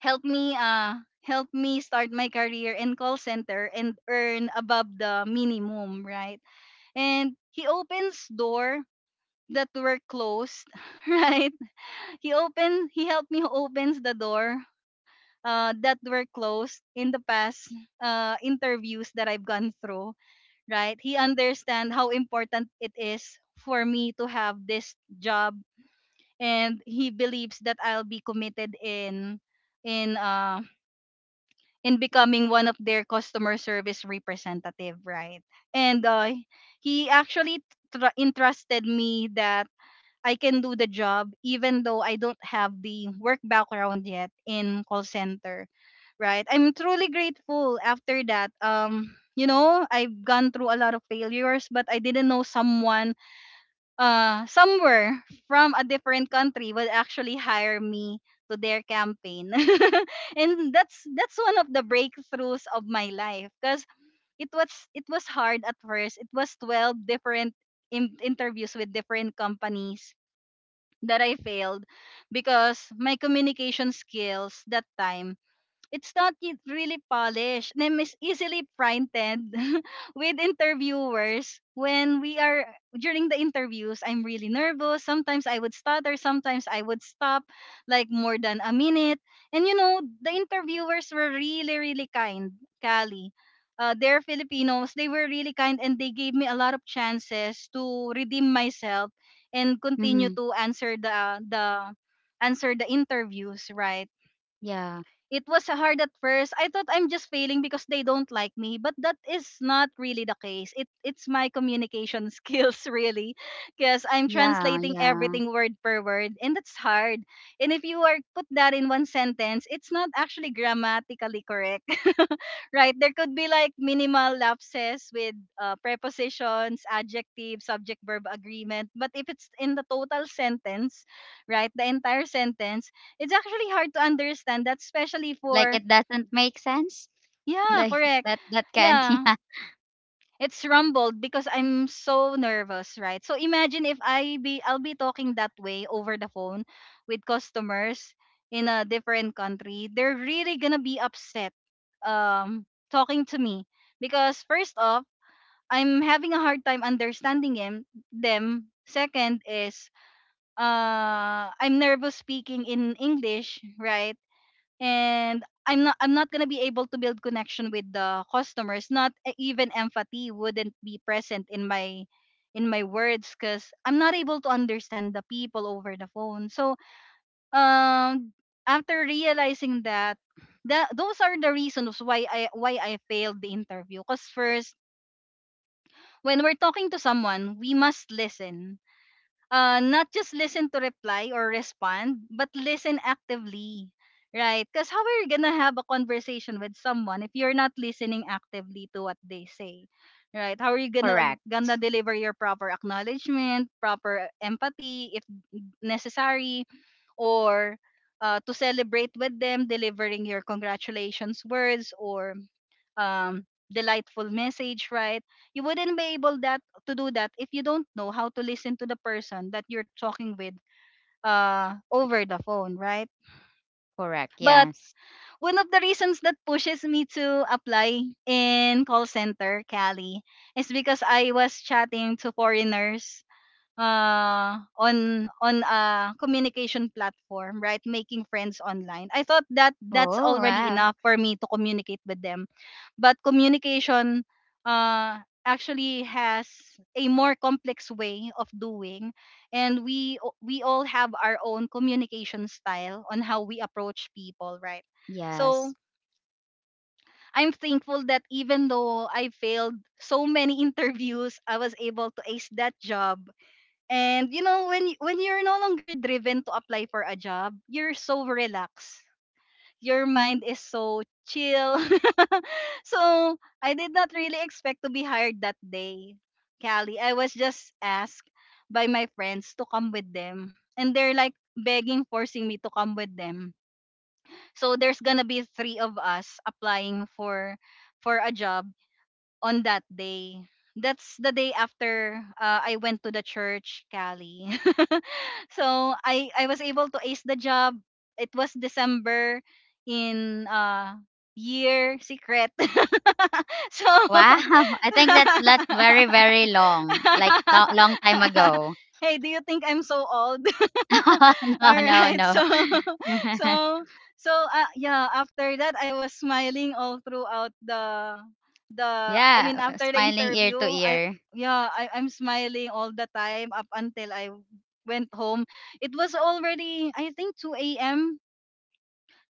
[SPEAKER 1] help me uh help me start my career in call center and earn above the minimum, right? And he opens door that were closed, right? He opened, he helped me opens the door that were closed in the past interviews that I've gone through, right? He understand how important it is for me to have this job, and he believes that I'll be committed in in uh. Becoming one of their customer service representative, right? And he actually entrusted me that I can do the job even though I don't have the work background yet in call center, right? I'm truly grateful after that. I've gone through a lot of failures, but I didn't know someone somewhere from a different country will actually hire me to their campaign. And that's one of the breakthroughs of my life because it was it was hard at first. It was 12 different interviews with different companies that I failed because my communication skills that time, it's not yet really polished. Name is easily frightened with interviewers. When we are during the interviews, I'm really nervous. Sometimes I would stutter, sometimes I would stop like more than a minute. And the interviewers were really, really kind, Kali. They're Filipinos. They were really kind and they gave me a lot of chances to redeem myself and
[SPEAKER 2] Mm-hmm.
[SPEAKER 1] continue to answer the interviews, right?
[SPEAKER 2] Yeah.
[SPEAKER 1] It was hard at first. I thought I'm just failing because they don't like me, but that is not really the case. It's my communication skills really, because I'm
[SPEAKER 2] Yeah.
[SPEAKER 1] translating
[SPEAKER 2] Yeah.
[SPEAKER 1] everything word per word, and that's hard. And if you are put that in one sentence, it's not actually grammatically correct. Right? There could be like minimal lapses with prepositions, adjective, subject verb agreement, but if it's in the total sentence, right? The entire sentence, it's actually hard to understand that, especially
[SPEAKER 2] Like
[SPEAKER 1] for.
[SPEAKER 2] it doesn't make sense.
[SPEAKER 1] Yeah,
[SPEAKER 2] Like
[SPEAKER 1] correct.
[SPEAKER 2] that. That can. Not.
[SPEAKER 1] Yeah,
[SPEAKER 2] Yeah.
[SPEAKER 1] it's rumbled because I'm so nervous, right? So imagine if I'll be talking that way over the phone with customers in a different country. They're really gonna be upset um talking to me because first off, I'm having a hard time understanding him, them. Second is I'm nervous speaking in English, right? And I'm not gonna be able to build connection with the customers. Not even empathy wouldn't be present in my words because I'm not able to understand the people over the phone. So um after realizing that those are the reasons why I failed the interview. Cause first, when we're talking to someone, we must listen, not just listen to reply or respond, but listen actively, right? Because how are you gonna have a conversation with someone if you're not listening actively to what they say, right? How are you
[SPEAKER 2] Correct.
[SPEAKER 1] gonna deliver your proper acknowledgement, proper empathy if necessary, or to celebrate with them, delivering your congratulations words or um delightful message, right? You wouldn't be able that to do that if you don't know how to listen to the person that you're talking with over the phone, right?
[SPEAKER 2] Correct.
[SPEAKER 1] But
[SPEAKER 2] Yes.
[SPEAKER 1] one of the reasons that pushes me to apply in call center, Cali, is because I was chatting to foreigners, on a communication platform, right? Making friends online. I thought that that's
[SPEAKER 2] Oh
[SPEAKER 1] already
[SPEAKER 2] wow.
[SPEAKER 1] enough for me to communicate with them, but communication uh, actually has a more complex way of doing, and we all have our own communication style on how we approach people, right? So
[SPEAKER 2] Yes.
[SPEAKER 1] I'm thankful that even though I failed so many interviews, I was able to ace that job. And when when you're no longer driven to apply for a job, you're so relaxed. Your mind is so chill. So I did not really expect to be hired that day, Callie. I was just asked by my friends to come with them. And they're like begging, forcing me to come with them. So there's gonna be three of us applying for a job on that day. That's the day after I went to the church, Cali. So I was able to ace the job. It was December in year secret. So
[SPEAKER 2] Wow, I think that's very very long, like long time ago.
[SPEAKER 1] hey, do you think I'm so old?
[SPEAKER 2] No,
[SPEAKER 1] All
[SPEAKER 2] no,
[SPEAKER 1] right.
[SPEAKER 2] no.
[SPEAKER 1] So so after that I was smiling all throughout the I
[SPEAKER 2] Yeah,
[SPEAKER 1] mean after the
[SPEAKER 2] smiling ear
[SPEAKER 1] interview,
[SPEAKER 2] to
[SPEAKER 1] I.
[SPEAKER 2] ear.
[SPEAKER 1] Yeah, I'm smiling all the time up until I went home. It was already, I think, 2 a.m.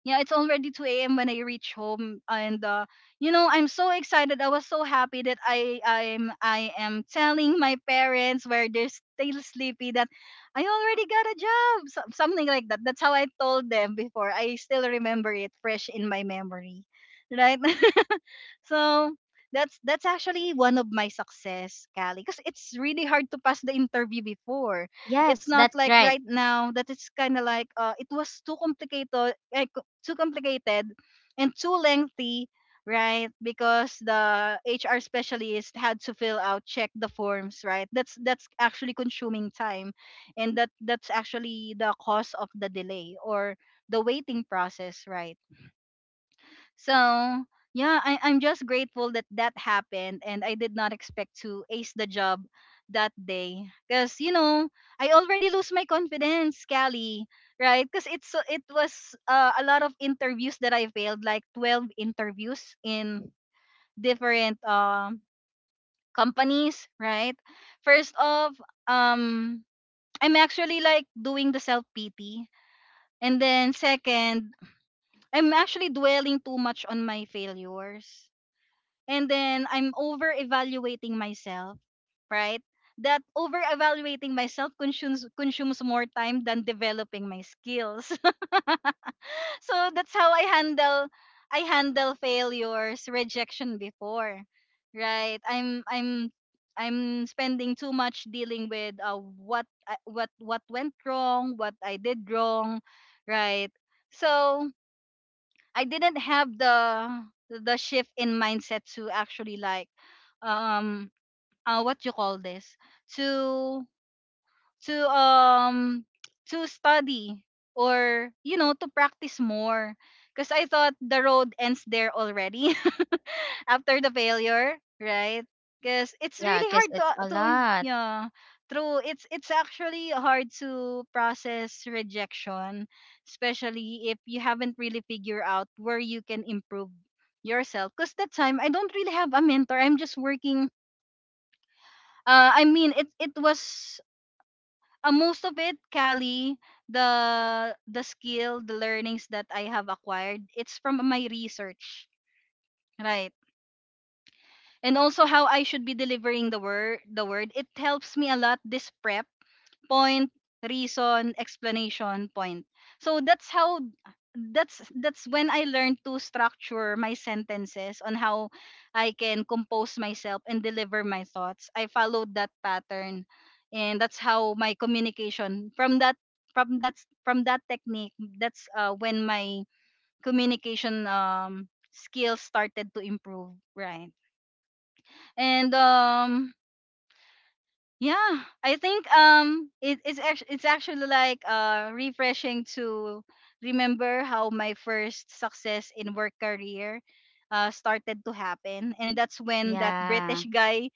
[SPEAKER 1] Yeah, it's already 2 a.m. when I reach home, and I'm so excited. I was so happy that I am telling my parents where they're still sleepy that I already got a job. So, something like that. That's how I told them before. I still remember it fresh in my memory. Right? So that's actually one of my success, Callie, because it's really hard to pass the interview before. It's
[SPEAKER 2] Yes,
[SPEAKER 1] not
[SPEAKER 2] that's
[SPEAKER 1] like
[SPEAKER 2] right.
[SPEAKER 1] right now, that it's kind of like, it was too complicated, too complicated, and too lengthy, right? Because the HR specialist had to fill out, check the forms, right? That's actually consuming time, and that's actually the cause of the delay or the waiting process, right? So yeah, I'm just grateful that that happened, and I did not expect to ace the job that day. Cause I already lose my confidence, Callie, right? Cause it was a lot of interviews that I failed, like 12 interviews in different companies, right? First off, um, I'm actually like doing the self pity, and then second, I'm actually dwelling too much on my failures, and then I'm over evaluating myself, right? That over evaluating myself consumes more time than developing my skills. So that's how I handle failures, rejection before, right? I'm spending too much dealing with what went wrong, what I did wrong, right? So I didn't have the shift in mindset to actually, like, um what you call this, to to um to study or, you know, to practice more, because I thought the road ends there already. After the failure, right? Because it's
[SPEAKER 2] Yeah,
[SPEAKER 1] really
[SPEAKER 2] because
[SPEAKER 1] hard to
[SPEAKER 2] it's a
[SPEAKER 1] to
[SPEAKER 2] lot.
[SPEAKER 1] Yeah, true. It's actually hard to process rejection, especially if you haven't really figured out where you can improve yourself. Because that time I don't really have a mentor. I'm just working. I mean, it was, most of it, Cali. The skill, the learnings that I have acquired, it's from my research, right? And also how I should be delivering the word, it helps me a lot, this prep, point, reason, explanation, point. So that's how, that's when I learned to structure my sentences on how I can compose myself and deliver my thoughts. I followed that pattern, and that's how my communication, from that from that technique, that's when my communication skills started to improve, right? And yeah, I think, it's actually like, refreshing to remember how my first success in work career, started to happen, and that's when that
[SPEAKER 2] Yeah,
[SPEAKER 1] British guy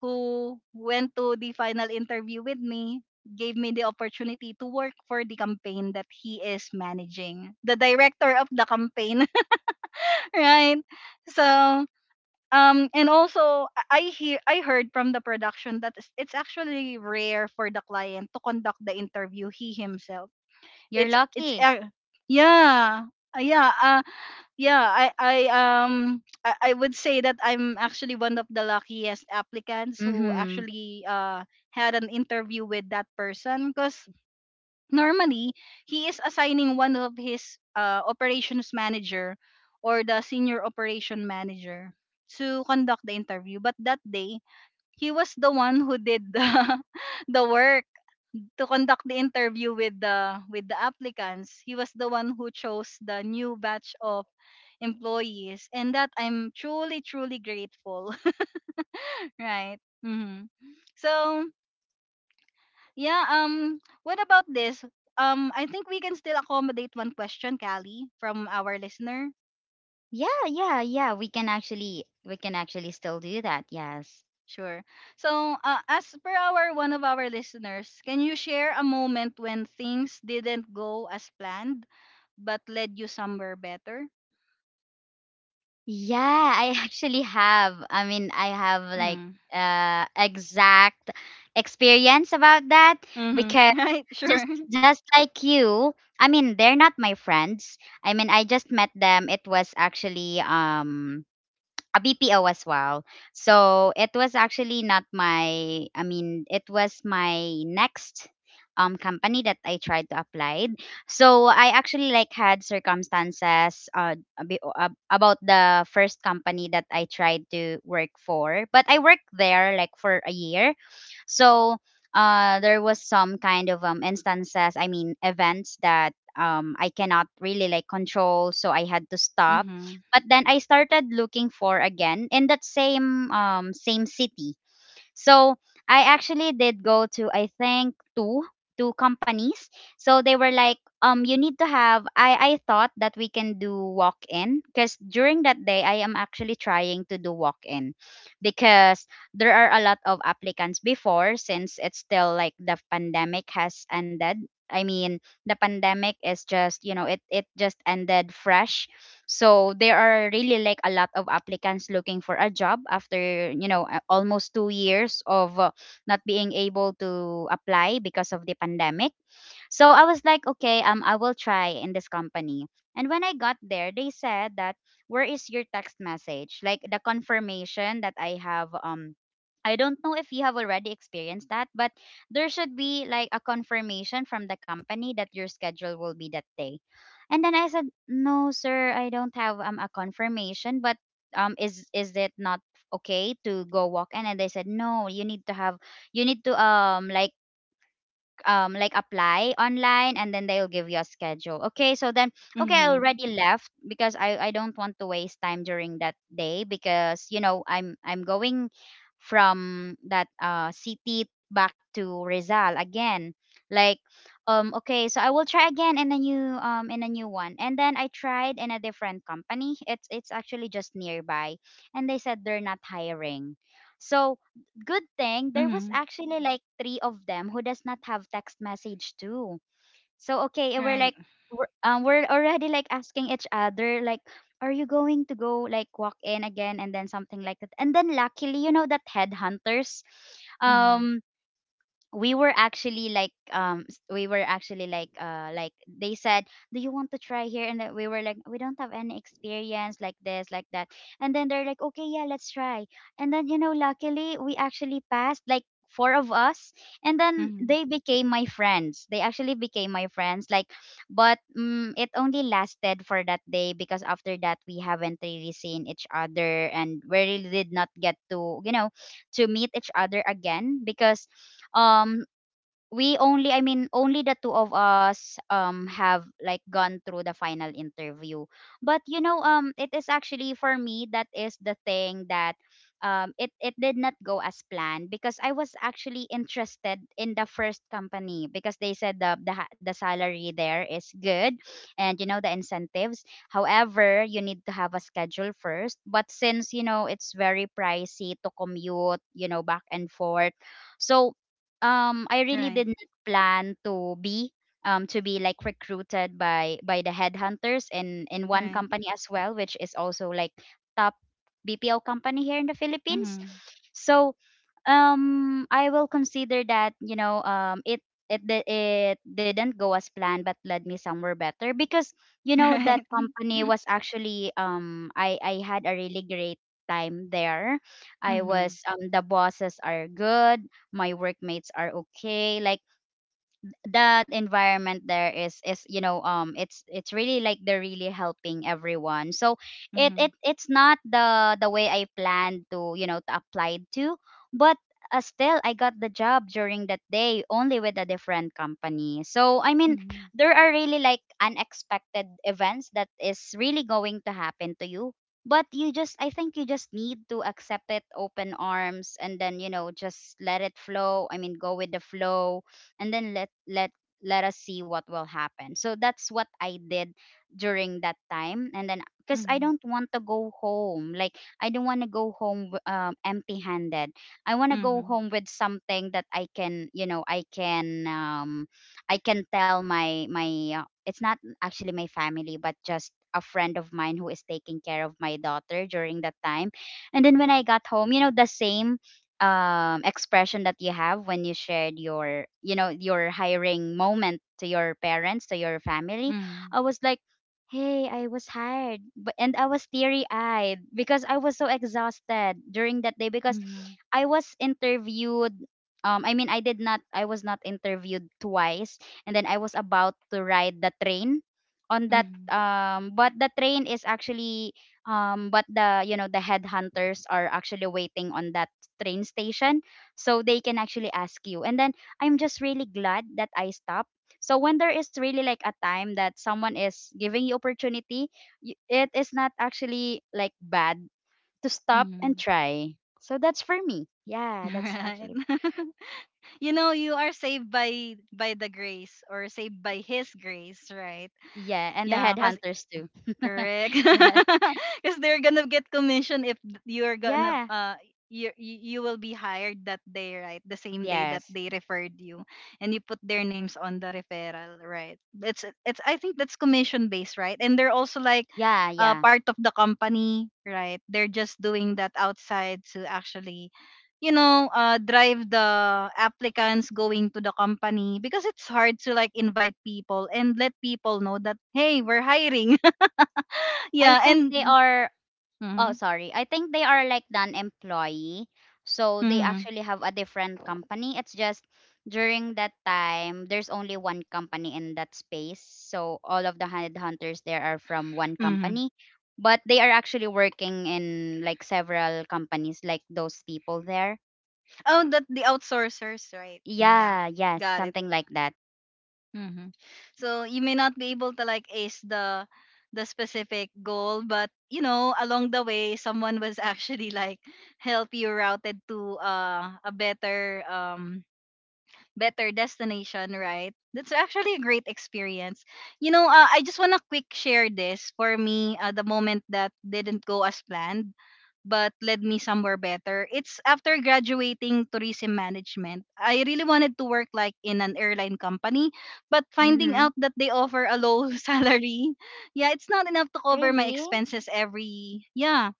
[SPEAKER 1] who went to the final interview with me gave me the opportunity to work for the campaign that he is managing, the director of the campaign. Right. So, and also I heard from the production that it's actually rare for the client to conduct the interview he himself.
[SPEAKER 2] you're
[SPEAKER 1] It's
[SPEAKER 2] lucky.
[SPEAKER 1] Yeah. Yeah, uh, yeah, I would say that I'm actually one of the luckiest applicants who
[SPEAKER 2] Mm-hmm.
[SPEAKER 1] actually, uh, had an interview with that person, because normally he is assigning one of his, operations manager or the senior operation manager, to conduct the interview. But that day, he was the one who did the, the work, to conduct the interview with the applicants. He was the one who chose the new batch of employees, and that I'm truly grateful. Right. Hmm. So, yeah. What about this? I think we can still accommodate one question, Callie, from our listener.
[SPEAKER 2] Yeah, yeah, yeah. We can actually still do that. Yes.
[SPEAKER 1] Sure. So, as per our, one of our listeners, can you share a moment when things didn't go as planned, but led you somewhere better?
[SPEAKER 2] Yeah, I actually have. I mean, I have like
[SPEAKER 1] Mhm.
[SPEAKER 2] exact experience about that
[SPEAKER 1] Mhm.
[SPEAKER 2] because.
[SPEAKER 1] Right?
[SPEAKER 2] just
[SPEAKER 1] Sure.
[SPEAKER 2] just like you, I mean they're not my friends, I mean I just met them. It was actually a BPO as well. So it was actually not my, I mean, it was my next company that I tried to apply. So I actually like had circumstances about the first company that I tried to work for, but I worked there like for a year. So there was some kind of instances, I mean, events that I cannot really like control. So I had to stop,
[SPEAKER 1] Mhm.
[SPEAKER 2] but then I started looking for again in that same same city. So I actually did go to, I think, two companies. So they were like, you need to have, I thought that we can do walk in because during that day I am actually trying to do walk in because there are a lot of applicants before since it's still like the pandemic has ended. I mean, the pandemic is just, it just ended fresh. So there are really like a lot of applicants looking for a job after, almost 2 years of not being able to apply because of the pandemic. So I was like, okay, I will try in this company. And when I got there, they said that, where is your text message? Like the confirmation that I have. I don't know if you have already experienced that, but there should be like a confirmation from the company that your schedule will be that day. And then I said, "No, sir, I don't have a confirmation, but is it not okay to go walk in?" And they said, "No, you need to have you need to like apply online, and then they'll give you a schedule." Okay, so then, okay, I
[SPEAKER 1] Mhm.
[SPEAKER 2] already left because I don't want to waste time during that day because I'm going from that city back to Rizal again. Like, okay, so I will try again in a new, one. And then I tried in a different company, it's actually just nearby, and they said they're not hiring. So good thing there was
[SPEAKER 1] Mhm.
[SPEAKER 2] actually like three of them who does not have text message too. So okay, we're
[SPEAKER 1] Right.
[SPEAKER 2] like, we're already like asking each other like, are you going to go like walk in again, and then something like that. And then luckily, that headhunters,
[SPEAKER 1] Mhm.
[SPEAKER 2] um we were actually like s- we were actually like they said, do you want to try here, and then we were like, we don't have any experience like this, like that. And then they're like, okay, yeah, let's try. And then, luckily, we actually passed like four of us. And then
[SPEAKER 1] Mhm.
[SPEAKER 2] they became my friends, they actually became my friends. Like, but it only lasted for that day because after that we haven't really seen each other, and we really did not get to you know to meet each other again because um we only, I mean only the two of us have like gone through the final interview. But it is actually for me that is the thing that, it did not go as planned because I was actually interested in the first company because they said, the salary there is good, and the incentives, however you need to have a schedule first, but since it's very pricey to commute, back and forth. So I really
[SPEAKER 1] Right.
[SPEAKER 2] did not plan to be, like recruited by the headhunters in one
[SPEAKER 1] Right.
[SPEAKER 2] company as well, which is also like top BPO company here in the Philippines.
[SPEAKER 1] Mhm.
[SPEAKER 2] So I will consider that, it didn't go as planned, but led me somewhere better because that
[SPEAKER 1] Right.
[SPEAKER 2] company was actually, I had a really great time there. I
[SPEAKER 1] Mhm.
[SPEAKER 2] was The bosses are good, my workmates are okay. Like that environment there is, it's really like they're really helping everyone. So it
[SPEAKER 1] Mhm.
[SPEAKER 2] it it's not the way I planned to, apply to, but still I got the job during that day only with a different company. So I mean
[SPEAKER 1] Mhm.
[SPEAKER 2] there are really like unexpected events that is really going to happen to you, but you just I think you just need to accept it, open arms, and then, just let it flow, I mean go with the flow. And then let us see what will happen. So that's what I did during that time. And then, because I
[SPEAKER 1] Mhm.
[SPEAKER 2] don't want to go home, like, I don't want to go home, empty-handed. I want to go
[SPEAKER 1] Mhm.
[SPEAKER 2] home with something that I can, I can tell my. It's not actually my family, but just a friend of mine who is taking care of my daughter during that time. And then when I got home, the same expression that you have when you shared your hiring moment to your parents, to your family. I
[SPEAKER 1] Mm.
[SPEAKER 2] was like, hey, I was hired, but and I was teary eyed because I was so exhausted during that day because
[SPEAKER 1] Mhm.
[SPEAKER 2] I was interviewed, I mean, I was not interviewed twice. And then I was about to ride the train on that
[SPEAKER 1] Mhm.
[SPEAKER 2] but the train is actually, but the you know the headhunters are actually waiting on that train station so they can actually ask you. And then I'm just really glad that I stopped. So when there is really like a time that someone is giving you opportunity, it is not actually like bad to stop and
[SPEAKER 1] Mhm.
[SPEAKER 2] try. So that's for me. Yeah, that's
[SPEAKER 1] Right.
[SPEAKER 2] actually,
[SPEAKER 1] You know, you are saved by the grace, or saved by his grace, right?
[SPEAKER 2] yeah, and the
[SPEAKER 1] Yeah.
[SPEAKER 2] headhunters too.
[SPEAKER 1] Correct.
[SPEAKER 2] Yes.
[SPEAKER 1] Because they're gonna get commission if th- you're gonna,
[SPEAKER 2] Yeah.
[SPEAKER 1] uh, you will be hired that day, right? The same day that
[SPEAKER 2] Yes.
[SPEAKER 1] they referred you, and you put their names on the referral, right? It's I think that's commission based, right? And they're also like,
[SPEAKER 2] Yeah, yeah.
[SPEAKER 1] part of the company, right? They're just doing that outside to actually, you know, drive the applicants going to the company, because it's hard to, like, invite people and let people know that, hey, we're hiring.
[SPEAKER 2] I
[SPEAKER 1] Yeah.
[SPEAKER 2] think
[SPEAKER 1] And
[SPEAKER 2] they are Oh,
[SPEAKER 1] Mm-hmm.
[SPEAKER 2] sorry, I think they are like an employee. So they
[SPEAKER 1] Mm-hmm.
[SPEAKER 2] actually have a different company. It's just during that time, there's only one company in that space. So all of the headhunters there are from one
[SPEAKER 1] Mm-hmm.
[SPEAKER 2] company. But they are actually working in like several companies, like those people there.
[SPEAKER 1] Oh, that the outsourcers, right? Mm. Yeah,
[SPEAKER 2] Yeah, yes,
[SPEAKER 1] got it.
[SPEAKER 2] something like that.
[SPEAKER 1] Mm-hmm. So you may not be able to, like, ace the specific goal, but, you know, along the way, someone was actually, like, help you routed to, a better, better destination, right? That's actually a great experience. You know, I just wanna quick share this. For me, the moment that didn't go as planned but led me somewhere better, it's after graduating tourism management. I really wanted to work like in an airline company, but finding
[SPEAKER 2] Mm-hmm.
[SPEAKER 1] out that they offer a low, salary, yeah, it's not enough to cover my
[SPEAKER 2] Really?
[SPEAKER 1] expenses every, yeah.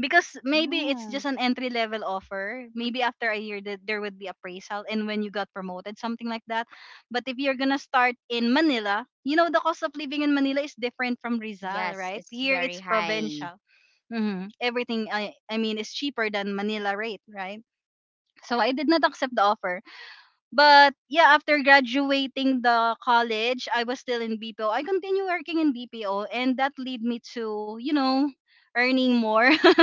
[SPEAKER 1] Because maybe it's
[SPEAKER 2] Oh.
[SPEAKER 1] just an entry level offer. Maybe after a year that there would be appraisal, and when you got promoted, something like that. But if you're gonna start in Manila, you know the cost of living in Manila is different from Rizal,
[SPEAKER 2] Yes,
[SPEAKER 1] right?
[SPEAKER 2] it's
[SPEAKER 1] Here
[SPEAKER 2] very
[SPEAKER 1] it's
[SPEAKER 2] high.
[SPEAKER 1] provincial. Hmm. Everything I mean is cheaper than Manila rate, right? So I did not accept the offer. But yeah, after graduating the college, I was still in BPO. I continue working in BPO, and that lead me to, you know, earning more.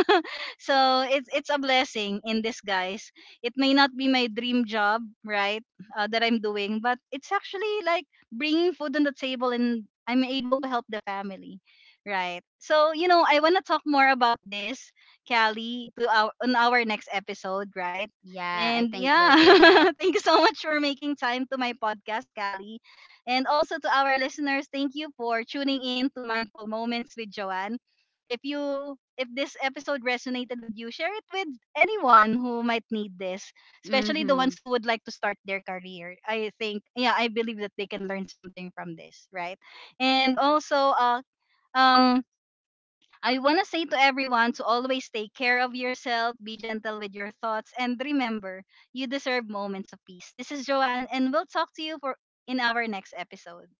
[SPEAKER 1] So it's a blessing in disguise. It may not be my dream job, right, that I'm doing, but it's actually like bringing food on the table, and I'm able to help the family, right? So, you know, I wanna talk more about this, Callie, to our, on our next episode, right?
[SPEAKER 2] Yeah, I
[SPEAKER 1] And
[SPEAKER 2] think we'll
[SPEAKER 1] yeah,
[SPEAKER 2] do that.
[SPEAKER 1] thank you so much for making time to my podcast, Callie. And also to our listeners, thank you for tuning in to Mindful Moments with Joanne. If this episode resonated with you, share it with anyone who might need this, especially the ones
[SPEAKER 2] Mm-hmm.
[SPEAKER 1] who would like to start their career. I think, yeah, I believe that they can learn something from this, right? And also, um I want to say to everyone to always take care of yourself, be gentle with your thoughts, and remember, you deserve moments of peace. This is Joanne, and we'll talk to you for in our next episode.